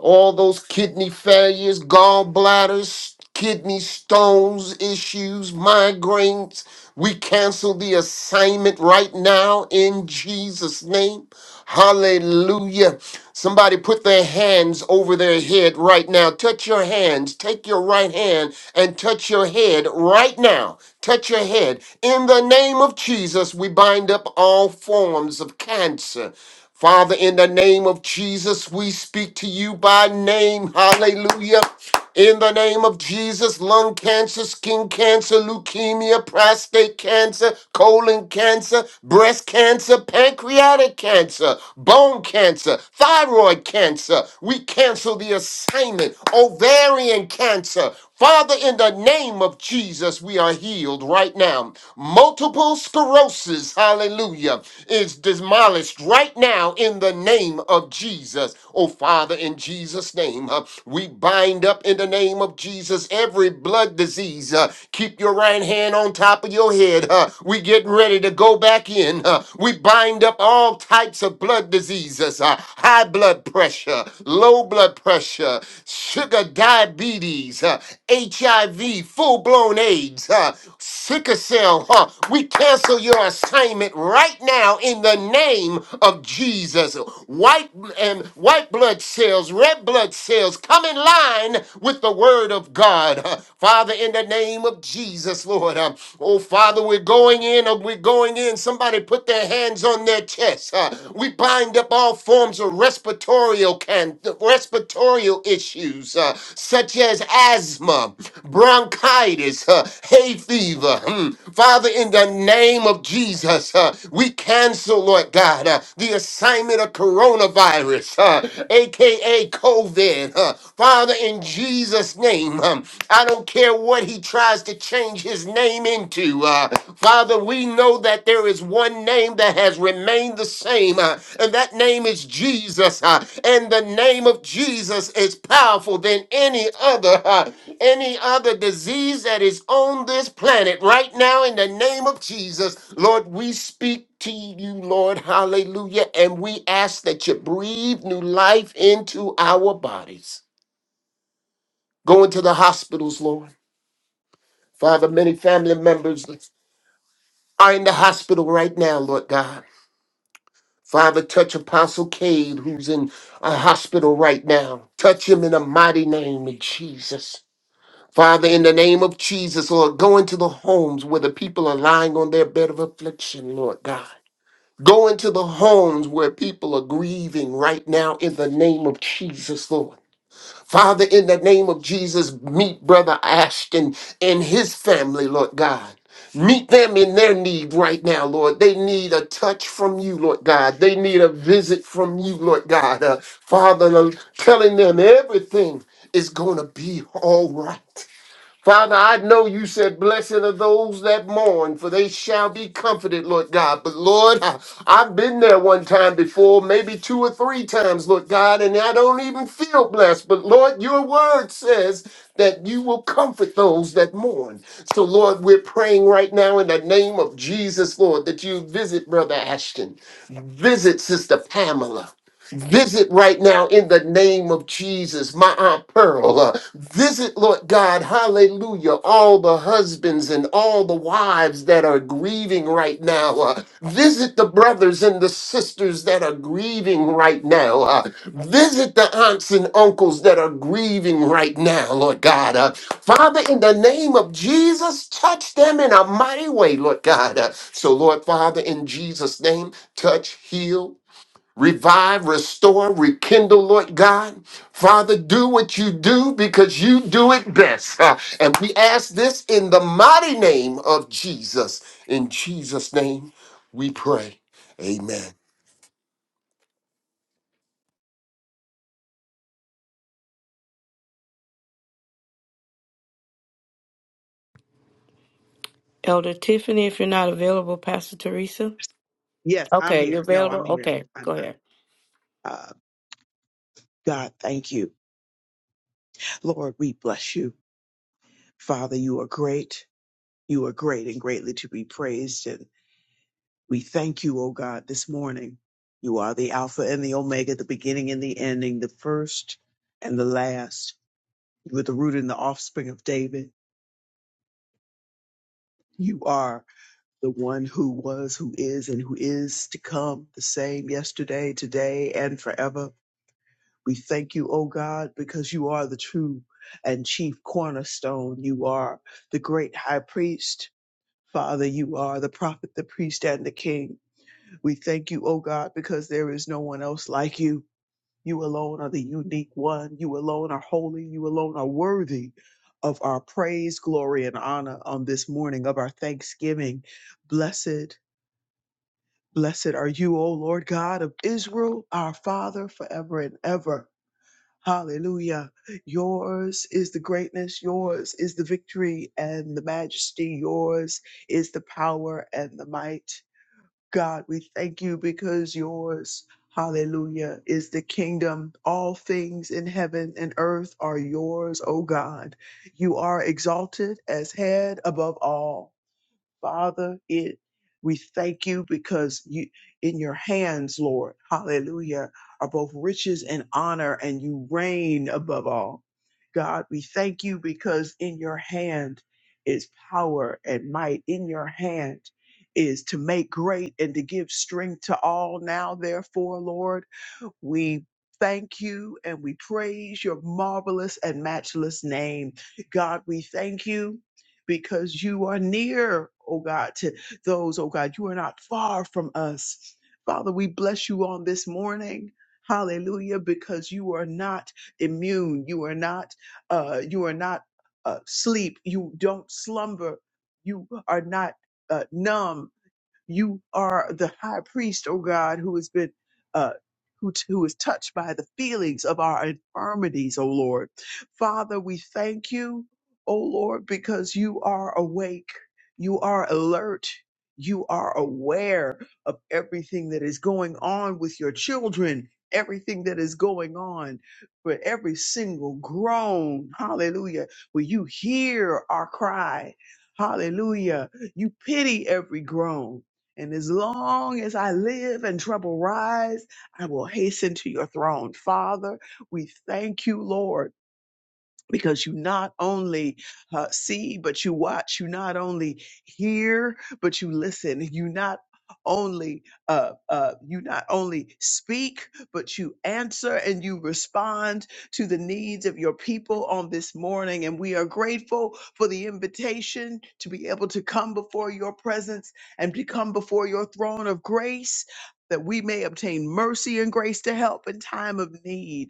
all those kidney failures, gallbladders, kidney stones issues, migraines. We cancel the assignment right now in Jesus' name. Hallelujah. Somebody put their hands over their head right now. Touch your hands. Take your right hand and touch your head right now. Touch your head. In the name of Jesus, we bind up all forms of cancer. Father, in the name of Jesus, we speak to you by name. Hallelujah. In the name of Jesus, lung cancer, skin cancer, leukemia, prostate cancer, colon cancer, breast cancer, pancreatic cancer, bone cancer, thyroid cancer. We cancel the assignment. Ovarian cancer. Father, in the name of Jesus, we are healed right now. Multiple sclerosis, hallelujah, is demolished right now in the name of Jesus. Oh, Father, in Jesus' name, uh, we bind up in the name of Jesus every blood disease. uh, keep your right hand on top of your head. uh, we getting ready to go back in. uh, we bind up all types of blood diseases, uh, high blood pressure pressure, low blood pressure, sugar diabetes, uh, HIV, full blown AIDS, uh, sickle cell. Huh? We cancel your assignment right now in the name of Jesus. White and white blood cells, red blood cells, come in line with the word of God. Uh, Father, in the name of Jesus, Lord. uh, oh, Father, we're going in, uh, we're going in. Somebody put that put their hands on their chests. Uh, we bind up all forms of respiratory, can- respiratory issues, uh, such as asthma, bronchitis, uh, hay fever. Hmm. Father, in the name of Jesus, uh, we cancel, Lord God, uh, the assignment of coronavirus, uh, aka COVID. uh, Father, in Jesus' name, um, I don't care what he tries to change his name into. Uh, Father, we know that there is one name that has remained the same, uh, and that name is Jesus. uh, and the name of Jesus is powerful than any other, uh, any other disease that is on this planet right now. In the name of Jesus, Lord, we speak to you, Lord, hallelujah, and we ask that you breathe new life into our bodies. Go into the hospitals, Lord. Father, many family members. are in the hospital right now, Lord God. Father, touch Apostle Cade, who's in a hospital right now. Touch him in the mighty name of Jesus. Father, in the name of Jesus, Lord, go into the homes where the people are lying on their bed of affliction, Lord God. Go into the homes where people are grieving right now in the name of Jesus, Lord. Father, in the name of Jesus, meet Brother Ashton and his family, Lord God. Meet them in their need right now, Lord. They need a touch from you, Lord God. They need a visit from you, Lord God. Uh, Father, i telling them everything is going to be all right. Father, I know you said, Blessed are those that mourn, for they shall be comforted, Lord God. But Lord, I, have been there one time before, maybe two or three times, Lord God, and I don't even feel blessed. But Lord, your word says that you will comfort those that mourn. So, Lord, we're praying right now in the name of Jesus, Lord, that you visit Brother Ashton, visit Sister Pamela. Visit right now in the name of Jesus, my Aunt Pearl. Uh, visit, Lord God, hallelujah, all the husbands and all the wives that are grieving right now. Uh, visit the brothers and the sisters that are grieving right now. Uh, visit the aunts and uncles that are grieving right now, Lord God. Uh, Father, in the name of Jesus, touch them in a mighty way, Lord God. Uh, so, Lord Father, in Jesus' name, touch, heal, Revive, restore, rekindle, Lord God. Father, do what you do because you do it best. Uh, And we ask this in the mighty name of Jesus. In Jesus' name we pray. Amen.
Elder Tiffany, if you're not available, Pastor Teresa.
Yes, I'm
Okay, you
here. No,
available?
I'm here.
Okay,
I'm
go
here.
ahead.
Uh, God, thank you. Lord, we bless you. Father, you are great. You are great and greatly to be praised. And we thank you, O God, this morning. You are the Alpha and the Omega, the beginning and the ending, the first and the last. You are the root and the offspring of David. You are the one who was, who is, and who is to come, the same yesterday, today, and forever. We thank you, O God, because you are the true and chief cornerstone. You are the great high priest. Father, you are the prophet, the priest, and the king. We thank you, O God, because there is no one else like you. You alone are the unique one. You alone are holy. You alone are worthy of our praise, glory, and honor on this morning of our thanksgiving. Blessed, blessed are you, O Lord God of Israel, our Father, forever and ever. Hallelujah. Yours is the greatness. Yours is the victory and the majesty. Yours is the power and the might. God, we thank you because yours, hallelujah, is the kingdom. All things in heaven and earth are yours, O God. You are exalted as head above all. Father, it we thank you because you in your hands, Lord, hallelujah, are both riches and honor, and you reign above all. God, we thank you because in your hand is power and might. In your hand is to make great and to give strength to all now, therefore, Lord. We thank you and we praise your marvelous and matchless name. God, we thank you because you are near, oh God, to those, oh God, you are not far from us. Father, we bless you on this morning. Hallelujah, because you are not immune. You are not, uh, you are not uh, sleep. You don't slumber. You are not uh, numb you are the high priest, O God, who has been uh, who, who is touched by the feelings of our infirmities, O Lord. Father, we thank you, O Lord, because you are awake, you are alert, you are aware of everything that is going on with your children, everything that is going on for every single groan. Hallelujah. Will you hear our cry. Hallelujah. You pity every groan. And as long as I live and trouble rise, I will hasten to your throne. Father, we thank you, Lord because you not only uh, see but you watch you not only hear but you listen you not only uh, uh, you not only speak but you answer and you respond to the needs of your people on this morning and we are grateful for the invitation to be able to come before your presence and to come before your throne of grace that we may obtain mercy and grace to help in time of need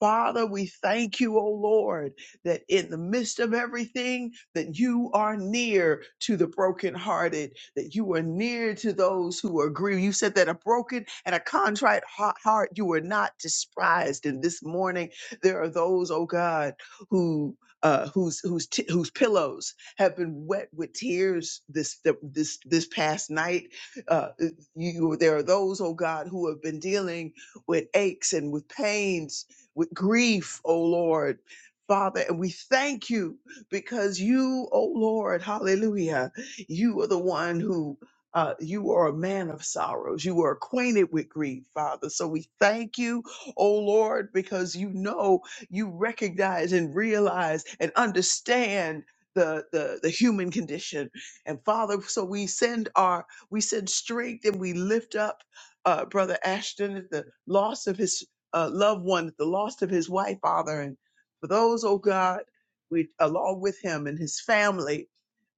Father, we thank you, O Lord, that in the midst of everything, that you are near to the brokenhearted, that you are near to those who are grieved. You said that a broken and a contrite hea- heart you were not despised. And this morning, there are those, oh God, who uh, whose whose t- whose pillows have been wet with tears this th- this this past night. Uh, you, there are those, oh God, who have been dealing with aches and with pains with grief, O Lord. Father, and we thank you because you, O Lord, hallelujah, you are the one who, uh, you are a man of sorrows. You are acquainted with grief, Father. So we thank you, O Lord, because you know, you recognize and realize and understand the, the, the human condition. And Father, so we send our, we send strength and we lift up uh, Brother Ashton at the loss of his uh, loved one the loss of his wife, Father. And for those, oh God, we along with him and his family,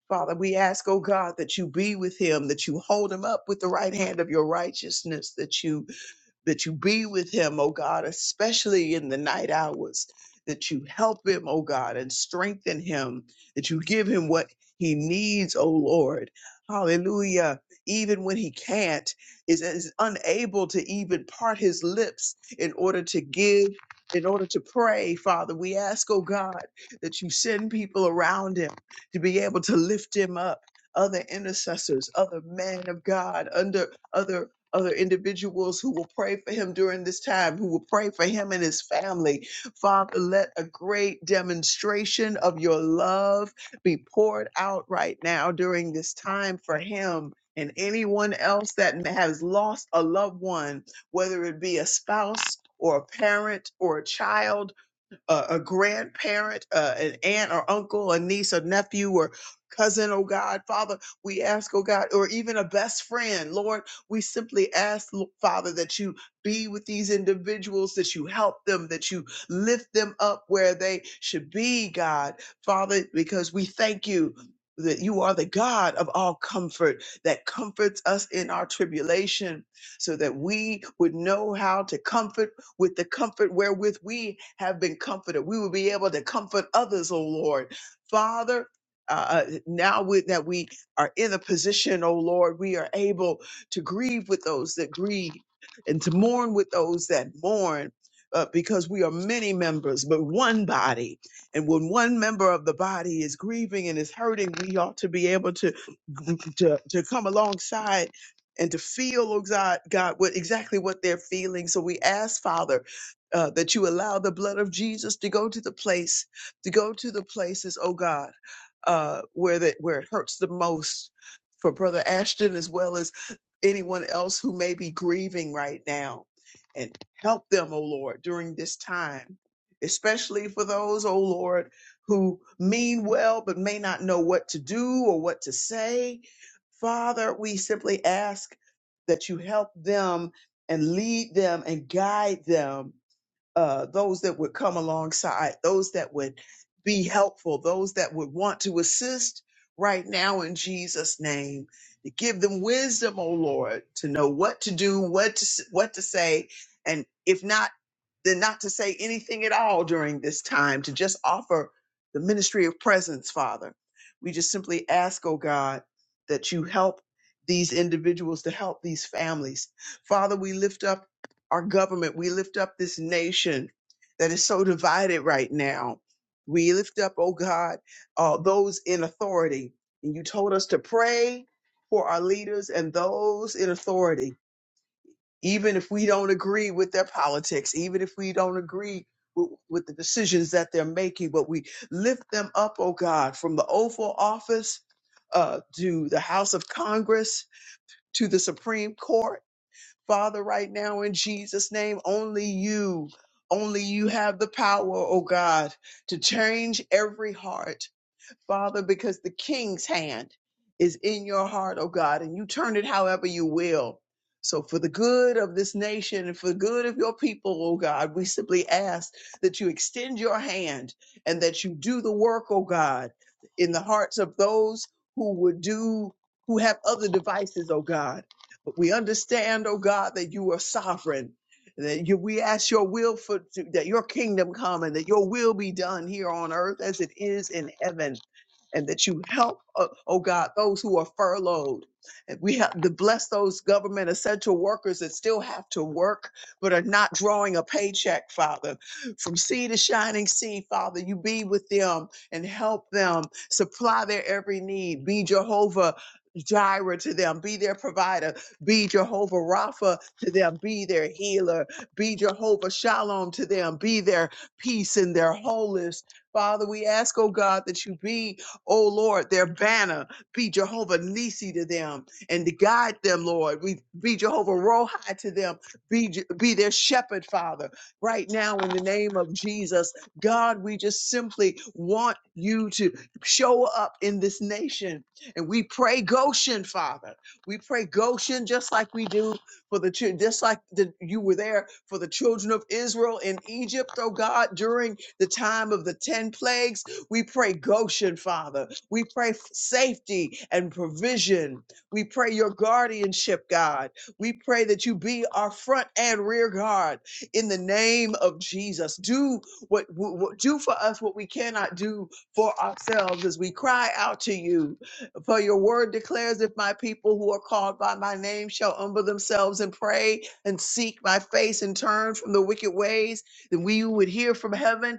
Father, we ask, oh God, that you be with him, that you hold him up with the right hand of your righteousness, that you that you be with him, oh God, especially in the night hours, that you help him, oh God, and strengthen him, that you give him what he needs, oh Lord. Hallelujah. Even when he can't, is, is unable to even part his lips in order to give, in order to pray, Father, we ask, oh God, that you send people around him to be able to lift him up. Other intercessors, other men of God, under other other individuals who will pray for him during this time, who will pray for him and his family. Father, let a great demonstration of your love be poured out right now during this time for him. And anyone else that has lost a loved one, whether it be a spouse or a parent or a child a, a grandparent, uh, an aunt or uncle, a niece or nephew or cousin, oh God, Father, we ask, oh God, or even a best friend, Lord, we simply ask, Lo- Father, that you be with these individuals, that you help them, that you lift them up where they should be, God, Father, because we thank you. That you are the God of all comfort that comforts us in our tribulation, so that we would know how to comfort with the comfort wherewith we have been comforted. We will be able to comfort others, O Lord. Father, uh, uh, now with, that we are in a position, O Lord, we are able to grieve with those that grieve and to mourn with those that mourn. Uh, because we are many members, but one body. And when one member of the body is grieving and is hurting, we ought to be able to to, to come alongside and to feel, oh God, God, what exactly what they're feeling. So we ask, Father, uh, that you allow the blood of Jesus to go to the place, to go to the places, oh God, uh, where that where it hurts the most for Brother Ashton as well as anyone else who may be grieving right now. And help them, oh Lord, during this time. Especially for those, oh Lord, who mean well but may not know what to do or what to say Father, we simply ask that you help them and lead them and guide them uh, those that would come alongside, those that would be helpful, those that would want to assist right now in Jesus' name. To give them wisdom, O Lord, to know what to do, what to s- what to say, and if not, then not to say anything at all during this time. To just offer the ministry of presence, Father. We just simply ask, O God, that you help these individuals to help these families. Father, we lift up our government. We lift up this nation that is so divided right now. We lift up, oh God, uh, those in authority. And you told us to pray for our leaders and those in authority, even if we don't agree with their politics, even if we don't agree with, with the decisions that they're making, but we lift them up, oh God, from the Oval Office uh, to the House of Congress to the Supreme Court Father, right now in Jesus' name, only you, only you have the power, oh God, to change every heart. Father, because the king's hand is in your heart, oh God, and you turn it however you will. So, for the good of this nation and for the good of your people, oh God, we simply ask that you extend your hand and that you do the work, oh God, in the hearts of those who would do, who have other devices, oh God. But we understand, oh God, that you are sovereign that you, we ask your will for that your kingdom come and that your will be done here on earth as it is in heaven and that you help, uh, oh God, those who are furloughed. And we have to bless those government essential workers that still have to work but are not drawing a paycheck, Father. From sea to shining sea, Father, you be with them and help them supply their every need. Be Jehovah Jireh to them, be their provider, be Jehovah Rapha to them, be their healer, be Jehovah Shalom to them, be their peace and their wholeness. Father, we ask, oh God, that you be Oh Lord, their banner be Jehovah Nisi to them and to guide them, Lord. We be Jehovah Rohi to them. Be, Je- be their shepherd, Father. Right now, in the name of Jesus, God, we just simply want you to show up in this nation. And we pray Goshen, Father. We pray Goshen just like we do for the children, just like the, you were there for the children of Israel in Egypt, oh God, during the time of the 10 plagues. We pray Goshen, Father. We pray f- safety and provision. We pray your guardianship, God. We pray that you be our front and rear guard in the name of Jesus. Do what, wh- wh- do for us what we cannot do for ourselves as we cry out to you. For your word declares if my people who are called by my name shall humble themselves and pray and seek my face and turn from the wicked ways, then we would hear from heaven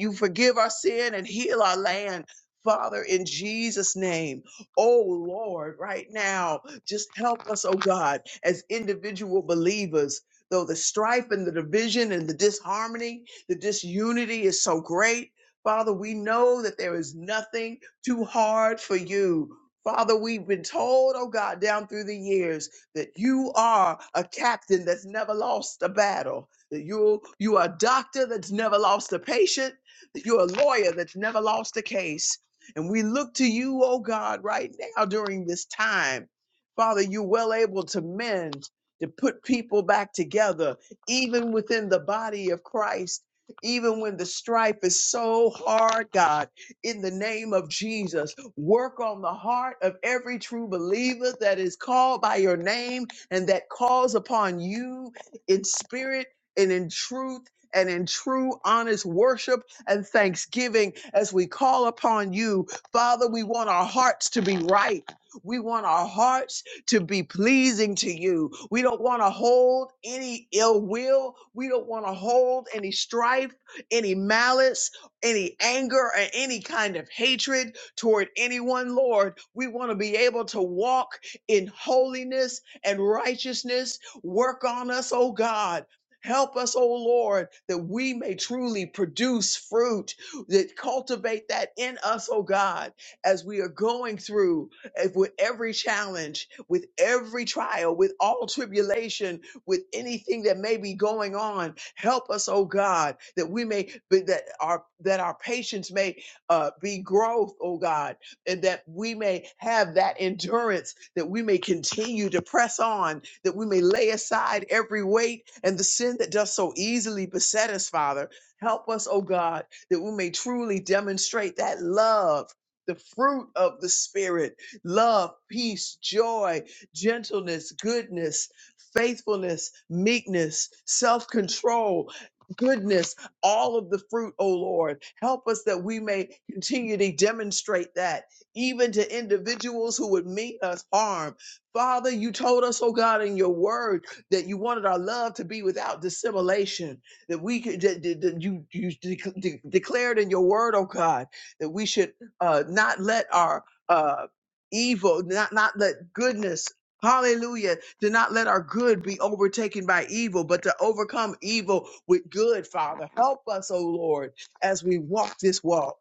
you forgive our sin and heal our land. Father, in Jesus' name, oh Lord, right now, just help us, oh God, as individual believers. Though the strife and the division and the disharmony, the disunity is so great, Father, we know that there is nothing too hard for you. Father, we've been told, oh God, down through the years that you are a captain that's never lost a battle. You you are a doctor that's never lost a patient. You're a lawyer that's never lost a case. And we look to you, oh God, right now during this time. Father, you're well able to mend, to put people back together, even within the body of Christ, even when the strife is so hard, God, in the name of Jesus, work on the heart of every true believer that is called by your name and that calls upon you in spirit and in truth and in true honest worship and thanksgiving as we call upon you. Father, we want our hearts to be right. We want our hearts to be pleasing to you. We don't want to hold any ill will. We don't want to hold any strife, any malice, any anger, or any kind of hatred toward anyone, Lord. We want to be able to walk in holiness and righteousness. Work on us, oh God. Help us, O Lord, that we may truly produce fruit, that cultivate that in us, O God, as we are going through eh, with every challenge, with every trial, with all tribulation, with anything that may be going on. Help us, O God, that we may that our that our patience may uh, be growth, O God, and that we may have that endurance, that we may continue to press on, that we may lay aside every weight and the sin that does so easily beset us, Father. Help us, oh God, that we may truly demonstrate that love. The fruit of the Spirit, love, peace, joy, gentleness, goodness, faithfulness, meekness, self control, goodness, all of the fruit, O Lord. Help us that we may continue to demonstrate that even to individuals who would mean us harm. Father, you told us, oh God, in your word that you wanted our love to be without dissimulation, that we could, that, that- that you, you de- de- declared in your word, oh God, that we should uh, not let our uh, evil, not, not let goodness, hallelujah, to not let our good be overtaken by evil, but to overcome evil with good, Father. Help us, oh Lord, as we walk this walk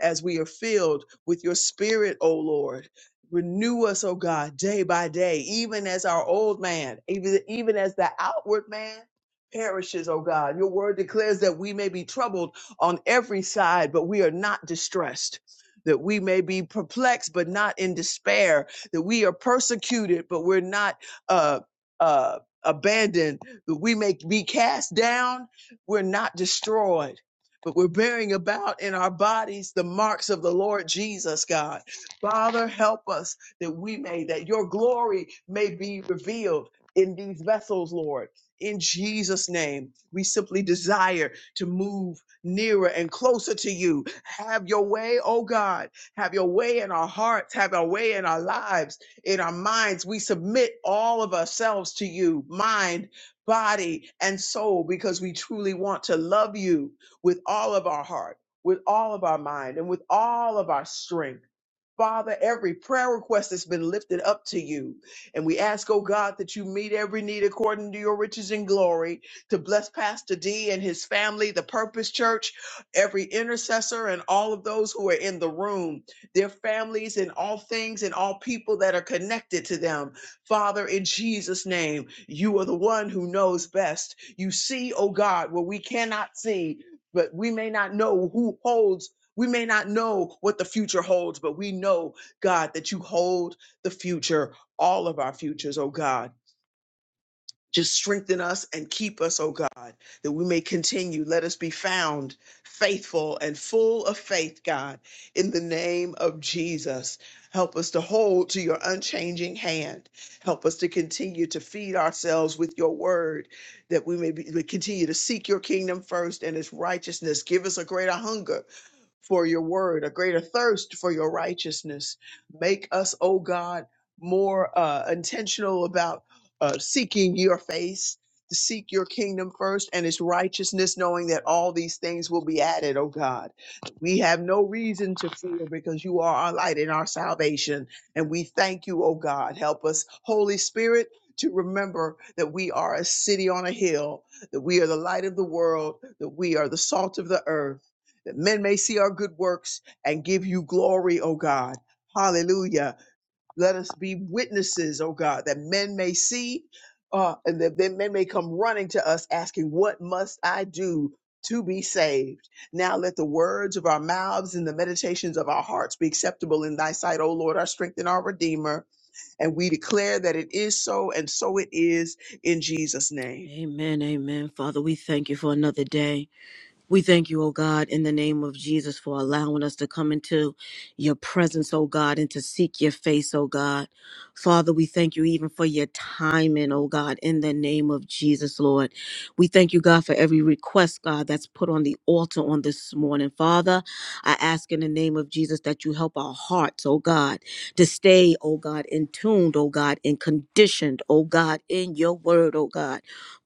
as we are filled with your spirit, O Lord. Renew us, O God, day by day, even as our old man, even, even as the outward man perishes, O God. Your word declares that we may be troubled on every side, but we are not distressed. That we may be perplexed, but not in despair. That we are persecuted, but we're not uh, uh, abandoned. That we may be cast down, we're not destroyed but we're bearing about in our bodies the marks of the Lord Jesus, God. Father, help us that we may, that your glory may be revealed in these vessels, Lord. In Jesus' name, we simply desire to move nearer and closer to you. Have your way, oh God. Have your way in our hearts. Have your way in our lives, in our minds. We submit all of ourselves to you, mind, body, and soul, because we truly want to love you with all of our heart, with all of our mind, and with all of our strength Father, every prayer request that's been lifted up to you. And we ask, oh God, that you meet every need according to your riches and glory, to bless Pastor D and his family, the Purpose Church, every intercessor, and all of those who are in the room, their families, and all things and all people that are connected to them. Father, in Jesus' name, you are the one who knows best. You see, oh God, what we cannot see. But we may not know who holds we may not know what the future holds, but we know, God, that you hold the future, all of our futures, oh God. Just strengthen us and keep us, oh God, that we may continue. Let us be found faithful and full of faith, God, in the name of Jesus. Help us to hold to your unchanging hand. Help us to continue to feed ourselves with your word, that we may be, we continue to seek your kingdom first and its righteousness. Give us a greater hunger for your word, a greater thirst for your righteousness. Make us, oh God, more uh, intentional about uh, seeking your face, to seek your kingdom first and its righteousness, knowing that all these things will be added, oh God. We have no reason to fear because you are our light and our salvation. And we thank you, oh God. Help us, Holy Spirit. To remember that we are a city on a hill, that we are the light of the world, that we are the salt of the earth, that men may see our good works and give you glory, O God. Hallelujah. Let us be witnesses, O God, that men may see uh, and that that men may come running to us asking, What must I do to be saved? Now let the words of our mouths and the meditations of our hearts be acceptable in thy sight, O Lord, our strength and our Redeemer. And we declare that it is so, and so it is in Jesus' name.
Amen. Amen. Father, we thank you for another day. We thank you, O God, in the name of Jesus for allowing us to come into your presence, O God, and to seek your face, O God. Father, we thank you even for your timing, O God, in the name of Jesus, Lord. We thank you, God, for every request, God, that's put on the altar on this morning. Father, I ask in the name of Jesus that you help our hearts, O God, to stay, O God, in tuned, O God, and conditioned, O God, in your word, O God.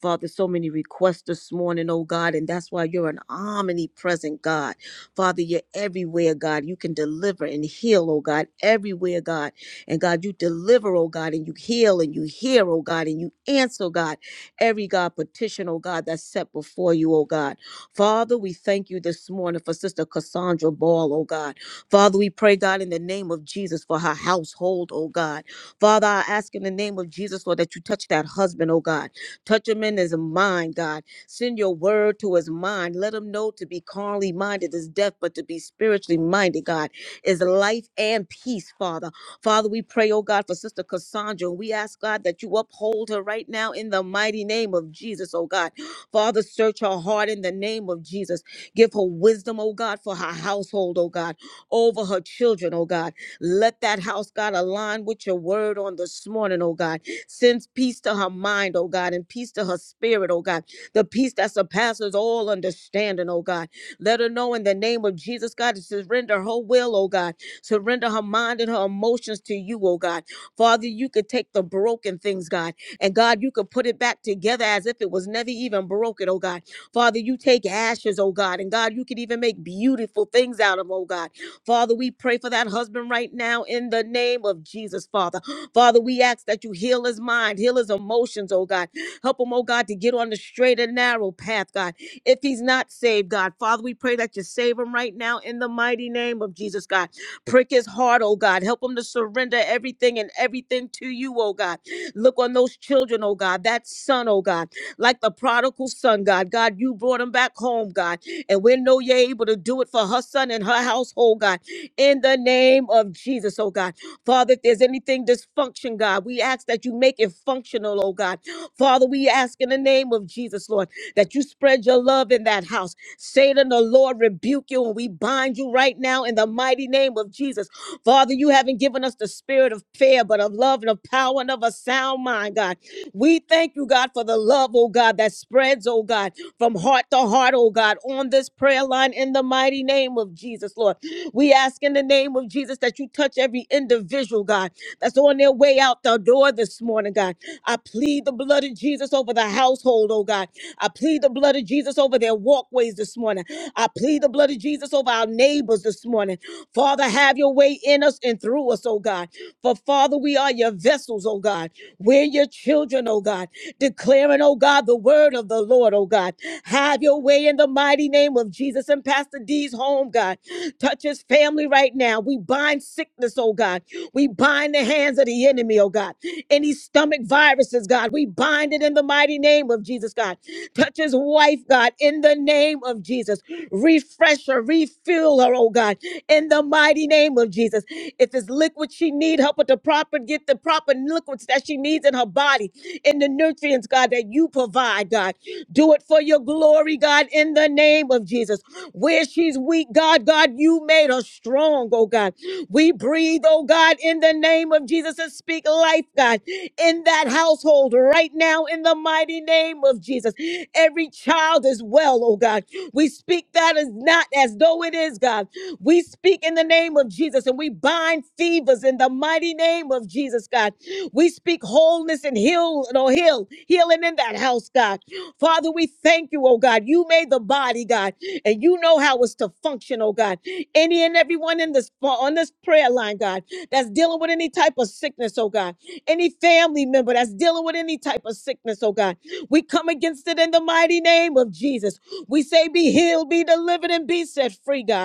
Father, so many requests this morning, oh God, and that's why you're an omnipresent God. Father, you're everywhere, God. You can deliver and heal, oh God, everywhere, God. And God, you deliver, oh God, and you heal and you hear, oh God, and you answer, oh God, every God petition, oh God, that's set before you, oh God. Father, we thank you this morning for Sister Cassandra Ball, oh God. Father, we pray, God, in the name of Jesus for her household, oh God. Father, I ask in the name of Jesus, Lord, that you touch that husband, oh God. Touch him in his mind, God. Send your word to his mind. Let him know to be carnally minded is death, but to be spiritually minded, God, is life and peace, Father. Father, we pray, oh God, for Sister Cassandra. We ask, God, that you uphold her right now in the mighty name of Jesus, oh God. Father, search her heart in the name of Jesus. Give her wisdom, oh God, for her household, oh God, over her children, oh God. Let that house, God, align with your word on this morning, oh God. Sends peace to her mind, oh God, and peace to her spirit, oh God. The peace that surpasses all understanding, oh God. Let her know in the name of Jesus, God, to surrender her will, oh God. Surrender her mind and her emotions to you, oh God. Father, you could take the broken things, God, and God, you could put it back together as if it was never even broken, oh God. Father, you take ashes, oh God, and God, you could even make beautiful things out of, oh God. Father, we pray for that husband right now in the name of Jesus, Father. Father, we ask that you heal his mind, heal his emotions, oh God. Help him, oh God, to get on the straight and narrow path, God. If he's not saved, God, Father, we pray that you save him right now in the mighty name of Jesus, God. Prick his heart, oh God. Help him to surrender everything and everything to you, oh God. Look on those children, oh God, that son, oh God, like the prodigal son, God. God, you brought him back home, God. And we know you're able to do it for her son and her household, God. In the name of Jesus, oh God. Father, if there's anything dysfunction, God, we ask that you make it functional, oh God. Father, we ask in the name of Jesus, Lord, that you spread your love in that house. Satan, the Lord, rebuke you, and we bind you right now in the mighty name of Jesus. Father, you haven't given us the spirit of fear, but of love and of power and of a sound mind, God. We thank you, God, for the love, oh God, that spreads, oh God, from heart to heart, oh God, on this prayer line in the mighty name of Jesus, Lord. We ask in the name of Jesus that you touch every individual, God, that's on their way out the door this morning, God. I plead the blood of Jesus over the household, oh God. I plead the blood of Jesus over their walkways this morning. I plead the blood of Jesus over our neighbors this morning. Father, have your way in us and through us, oh God. For Father, we are your vessels, oh God. We're your children, oh God declaring, oh God, the word of the Lord, oh God. Have your way in the mighty name of Jesus and Pastor D's home, God. Touch his family right now. We bind sickness, oh God. We bind the hands of the enemy, oh God. Any stomach viruses, God, we bind it in the mighty name of Jesus, God. Touch his wife, God, in the name of Jesus. Refresh her, refill her, oh God, in the mighty name of Jesus. If it's liquid she need, help her to proper get the proper liquids that she needs in her body in the nutrients, God, that you provide, God. Do it for your glory, God, in the name of Jesus. Where she's weak, God, God, you made her strong, oh God. We breathe, oh God, in the name of Jesus and speak life, God, in that household right now in the mighty name of Jesus. Every child is well, oh God. We speak that as not as though it is, God. We speak in the name of Jesus and we bind fevers in the mighty name of Jesus, God. We speak wholeness and heal, no, heal, healing in that house, God. Father, we thank you, oh God. You made the body, God, and you know how it's to function, oh God. Any and everyone in this uh, on this prayer line, God, that's dealing with any type of sickness, oh God. Any family member that's dealing with any type of sickness, oh God. We come against it in the mighty name of Jesus. We say, be healed, be delivered, and be set free, God.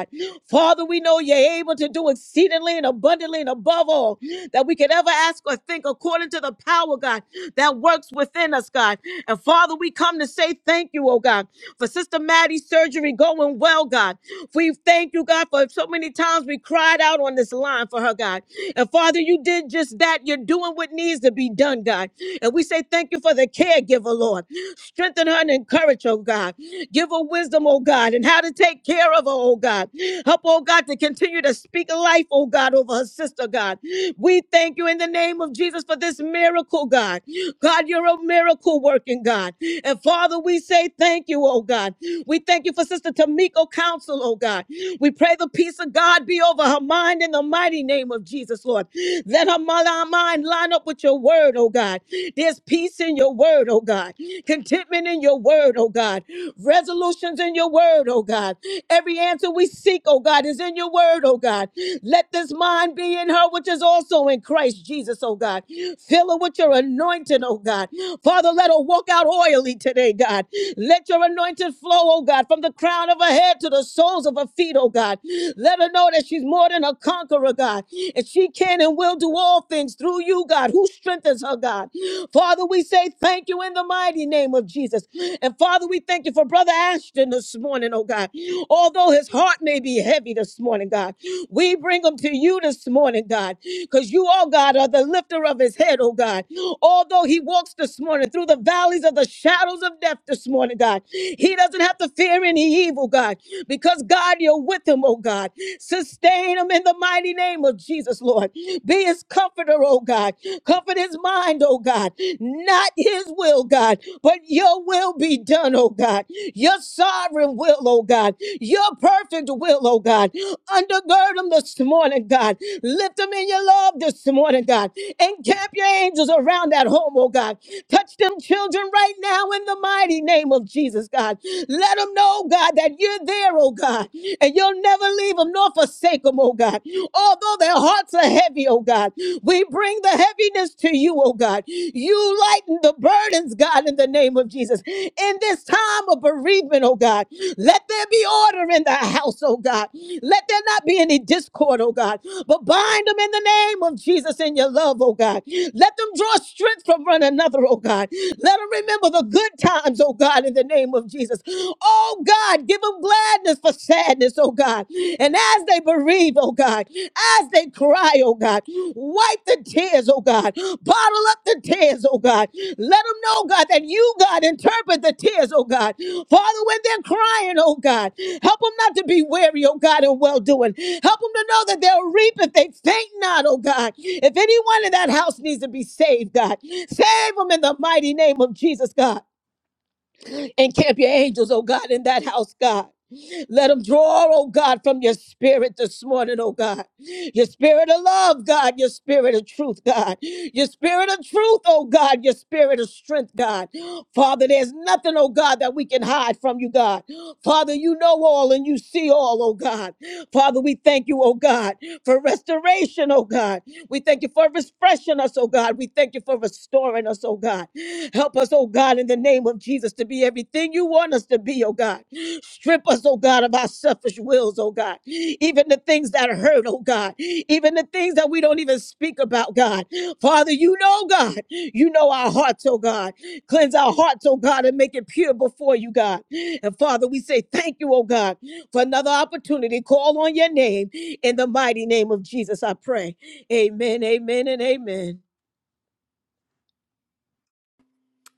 Father, we know you're able to do exceedingly and abundantly and above all that we could ever ask or think according to the power, God, that works within us, God. And Father, we come to say thank you, oh God, for Sister Maddie's surgery going well, God. We thank you, God, for so many times we cried out on this line for her, God. And Father, you did just that. You're doing what needs to be done, God. And we say thank you for the caregiver, Lord. Strengthen her and encourage, oh God. Give her wisdom, oh God, and how to take care of her, oh God. Help, oh God, to continue to speak life, oh God, over her sister, God. We thank you in the name of Jesus for this miracle, God. God, you're a miracle working God. And Father, we say thank you, oh God. We thank you for Sister Tamiko Counsel, oh God. We pray the peace of God be over her mind in the mighty name of Jesus, Lord. Let her mi- mind line up with your word, oh God. There's peace in your word, oh God. Contentment in your word, oh God. Resolutions in your word, oh God. Every answer we seek, oh God, is in your word, oh God. Let this mind be in her, which is also in Christ Jesus, oh God. Fill her with your anointing, oh God. Father, let her walk out oily today, God. Let your anointing flow, oh God, from the crown of her head to the soles of her feet, oh God. Let her know that she's more than a conqueror, God. And she can and will do all all things through you, God, who strengthens her, God. Father, we say thank you in the mighty name of Jesus. And Father, we thank you for Brother Ashton this morning, oh God. Although his heart may be heavy this morning, God, we bring him to you this morning, God, because you, oh God, are the lifter of his head, oh God. Although he walks this morning through the valleys of the shadows of death this morning, God, he doesn't have to fear any evil, God, because God, you're with him, oh God. Sustain him in the the mighty name of Jesus, Lord. Be his comforter, oh God. Comfort his mind, oh God. Not his will, God, but your will be done, oh God. Your sovereign will, oh God. Your perfect will, oh God. Undergird him this morning, God. Lift him in your love this morning, God. Encamp your angels around that home, oh God. Touch them children right now in the mighty name of Jesus, God. Let them know, God, that you're there, oh God and you'll never leave them nor forsake them, oh God. Although their hearts are heavy, oh God, we bring the heaviness to you, oh God. You lighten the burdens, God, in the name of Jesus. In this time of bereavement, oh God, let there be order in the house, oh God. Let there not be any discord, oh God, but bind them in the name of Jesus in your love, oh God. Let them draw strength from one another, oh God. Let them remember the good times, oh God, in the name of Jesus oh God, give them gladness for sadness, oh God. And as they bereave, oh God, as they cry, oh God, wipe the tears, oh God, bottle up the tears, oh God. Let them know, God, that you, God, interpret the tears, oh God. Father, when they're crying, oh God, help them not to be weary, oh God, in well doing. Help them to know that they'll reap if they faint not, oh God. If anyone in that house needs to be saved, God, save them in the mighty name of Jesus, God and camp your angels, oh God, in that house, God. Let them draw, oh God, from your spirit this morning, oh God. Your spirit of love, God. Your spirit of truth, God. Your spirit of truth, oh God. Your spirit of strength, God. Father, there's nothing, oh God, that we can hide from you, God. Father, you know all and you see all, oh God. Father, we thank you, oh God, for restoration, oh God. We thank you for refreshing us, oh God. We thank you for restoring us, oh God. Help us, oh God, in the name of Jesus to be everything you want us to be, oh God. Strip us, oh God, of our selfish wills, oh God. Even the things that hurt, oh God. Even the things that we don't even speak about, God. Father, you know, God. You know our hearts, oh God. Cleanse our hearts, oh God, and make it pure before you, God. And Father, we say thank you, oh God, for another opportunity. Call on your name in the mighty name of Jesus, I pray. Amen, amen, and amen.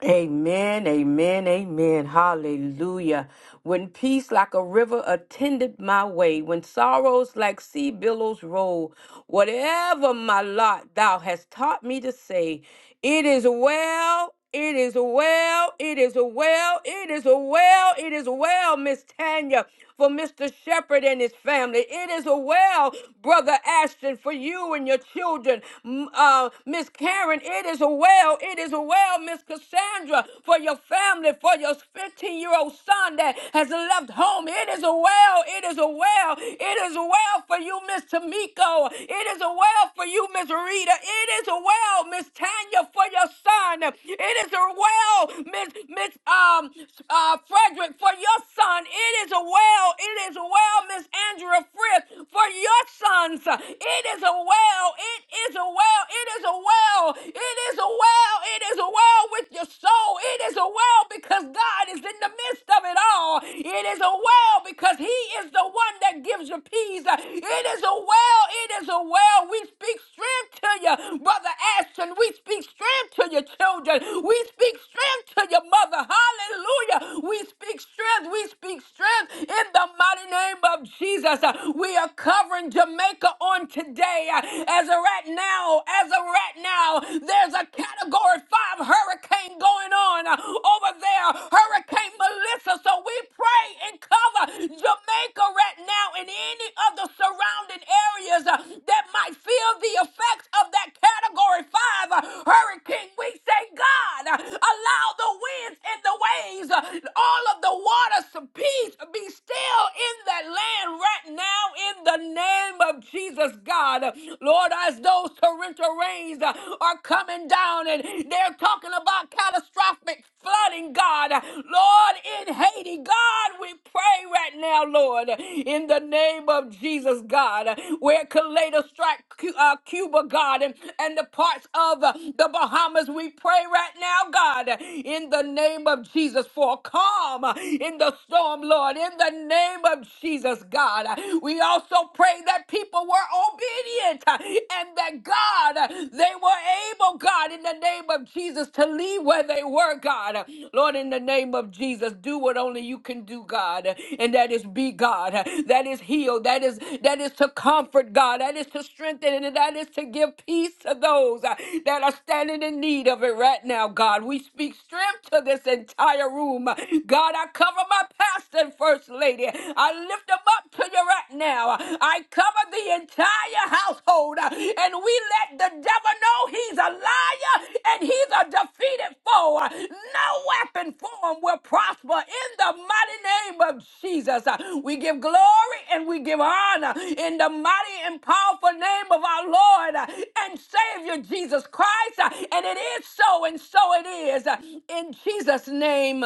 Amen, amen, amen. Hallelujah. When peace like a river attended my way, when sorrows like sea billows roll, whatever my lot thou hast taught me to say, it is well, it is well, it is well, it is well, it is well, Miss Tanya for Mr. Shepherd and his family. It is a well, Brother Ashton, for you and your children. M- Uh, Miss Karen, it is a well. It is a well, Miss Cassandra, for your family, for your 15 year old son that has left home. It is a well. It is a well. It is a well for you, Miss Tamiko. It is a well for you, Miss Rita. It is a well, Miss Tanya, for your son. It is a well, Miss Miss um uh Frederick, for your son. It is a well well. It is well, Miss Andrea Frith, for your sons. It is a well. It is a well. It is a well. It is a well. It is a well with your soul. It is a well because God is in the midst of it all. It is a well because He is the one that gives you peace. Uh, It is a well. It is a well. We speak strength to you, Brother Ashton. We speak strength to your children. We speak strength to your mother. Hallelujah. We speak strength. We speak strength in the mighty name of Jesus. Uh, We are covering Jamaica on today. Uh, As a right now, as a right now, there's a category five hurricane going on uh, over there. Hurricane Melissa. Melissa. So we pray and cover Jamaica right now and any of the surrounding areas uh, that might feel the effects of that Category 5 uh, hurricane. We say, God, uh, allow the winds and the waves, uh, all of the waters to peace be still in the that land right now in the name of Jesus, God. Lord, as those torrential rains uh, are coming down and they're talking about catastrophic flooding, God. Lord, in Haiti, God, we pray right now, Lord, in the name of Jesus, God, where Kaleda strike Cu- uh, Cuba, God, and, and the parts of uh, the Bahamas. We pray right now, God, in the name of Jesus, for a calm uh, in the storm, Lord, in the name of Jesus, God. We also pray that people were obedient uh, and that, God, uh, they were able, God, in the name of Jesus, to leave where they were, God. Lord, in the name of Jesus, is do what only you can do, God, and that is be God. That is heal. That is that is to comfort God. That is to strengthen, and that is to give peace to those uh, that are standing in need of it right now, God. We speak strength to this entire room, God. I cover my pastor and first lady. I lift them up to you right now. I cover the entire household, uh, and we let the devil know he's a liar and he's a defeated foe. No weapon formed will prosper in the mighty name of Jesus. We give glory and we give honor in the mighty and powerful name of our Lord and Savior Jesus Christ. And it is so, and so it is. In Jesus' name,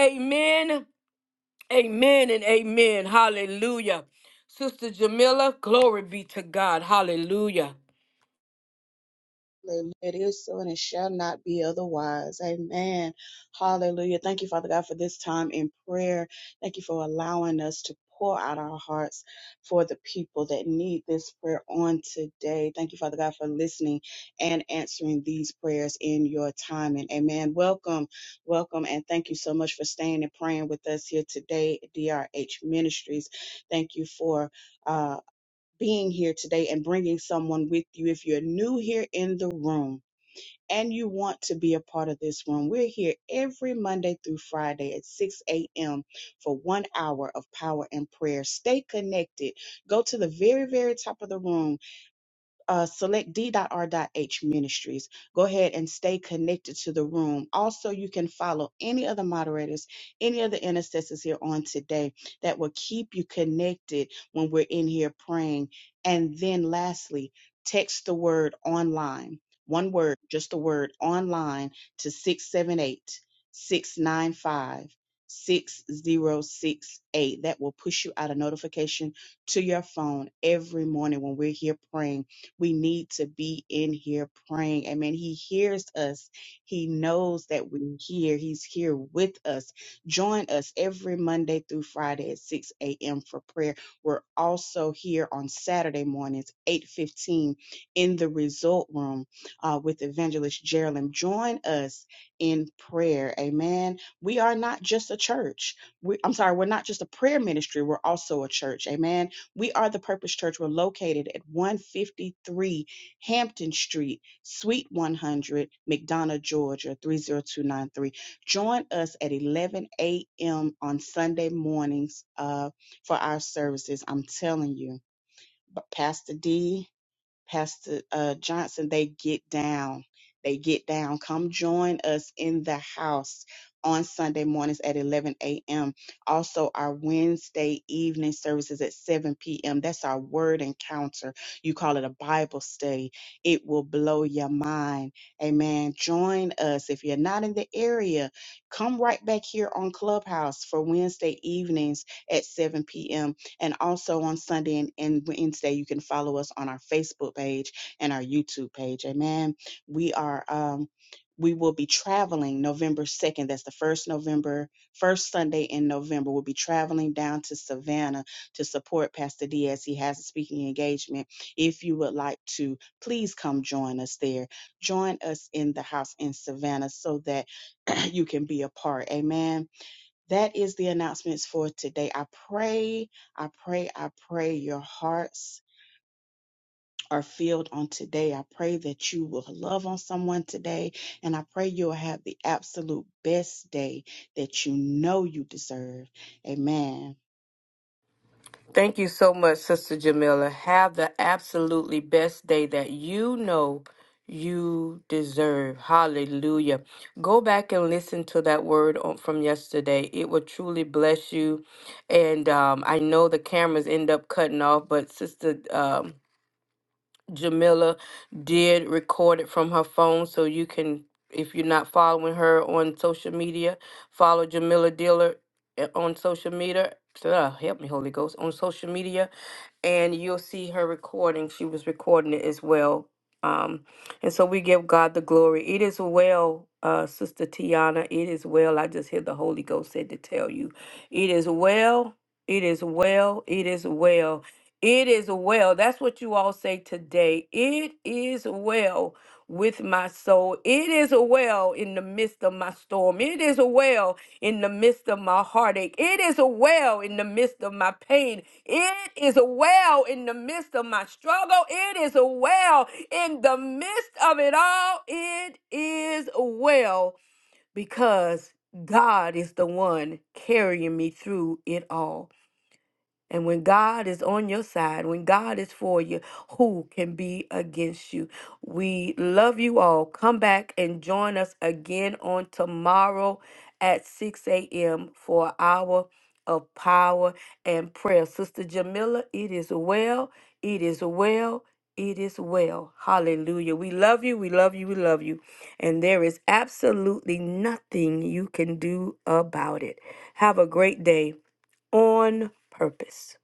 amen, amen, and amen. Hallelujah. Sister Jamila, glory be to God. Hallelujah.
Hallelujah. It is so and it shall not be otherwise. Amen. Hallelujah. Thank you, Father God, for this time in prayer. Thank you for allowing us to pour out our hearts for the people that need this prayer on today. Thank you, Father God, for listening and answering these prayers in your timing. Amen. Welcome. Welcome. And thank you so much for staying and praying with us here today at DRH Ministries. Thank you for. uh, being here today and bringing someone with you. If you're new here in the room and you want to be a part of this room, we're here every Monday through Friday at 6 a.m. for one hour of power and prayer. Stay connected. Go to the very, very top of the room uh, select d.r.h ministries. Go ahead and stay connected to the room. Also, you can follow any of the moderators, any of the intercessors here on today that will keep you connected when we're in here praying. And then, lastly, text the word online. One word, just the word online to 678 695 6068. That will push you out a notification to your phone every morning when we're here praying we need to be in here praying. Amen. He hears us. He knows that we're here. He's here with us. Join us every Monday through Friday at 6 a.m. for prayer. We're also here on Saturday mornings, 8:15 in the result room uh, with Evangelist Geraldine. Join us in prayer. Amen. We are not just a church. We, I'm sorry, we're not just a prayer ministry. We're also a church. Amen we are the Purpose Church. We're located at 153 Hampton Street, Suite 100, McDonough, Georgia, 30293. Join us at 11 a.m. on Sunday mornings uh, for our services. I'm telling you, but Pastor D. Pastor uh, Johnson, they get down. They get down. Come join us in the house on Sunday mornings at 11 a.m. Also, our Wednesday evening services at 7 p.m. That's our word encounter. You call it a Bible study. It will blow your mind. Amen. Join us. If you're not in the area, come right back here on Clubhouse for Wednesday evenings at 7 p.m and also on Sunday and, and Wednesday, you can follow us on our Facebook page and our YouTube page. Amen. We are um we will be traveling November 2nd. That's the first November, first Sunday in November. We'll be traveling down to Savannah to support Pastor Diaz. He has a speaking engagement. If you would like to, please come join us there. Join us in the house in Savannah so that you can be a part. Amen that is the announcements for today. I pray, I pray, I pray your hearts are filled on today. I pray that you will love on someone today, and I pray you'll have the absolute best day that you know you deserve. Amen.
Thank you so much, Sister Jamila. Have the absolutely best day that you know you deserve. Hallelujah. Go back and listen to that word on, from yesterday. It will truly bless you. And um, I know the cameras end up cutting off, but Sister. Um, Jamila did record it from her phone, so you can, if you're not following her on social media, follow Jamila Diller uh, on social media. Uh, help me, Holy Ghost, on social media, and you'll see her recording. She was recording it as well. Um, and so we give God the glory. It is well, uh, Sister Tiana. It is well. I just hear the Holy Ghost said to tell you, it is well. It is well. It is well. It is well. That's what you all say today. It is well with my soul. It is well in the midst of my storm. It is well in the midst of my heartache. It is well in the midst of my pain. It is well in the midst of my struggle. It is well in the midst of it all. It is well because God is the one carrying me through it all. And when God is on your side, when God is for you, who can be against you? We love you all. Come back and join us again on tomorrow at 6 a.m. for an hour of power and prayer. Sister Jamila, it is well. It is well. It is well. Hallelujah. We love you. We love you. We love you. And there is absolutely nothing you can do about it. Have a great day on purpose.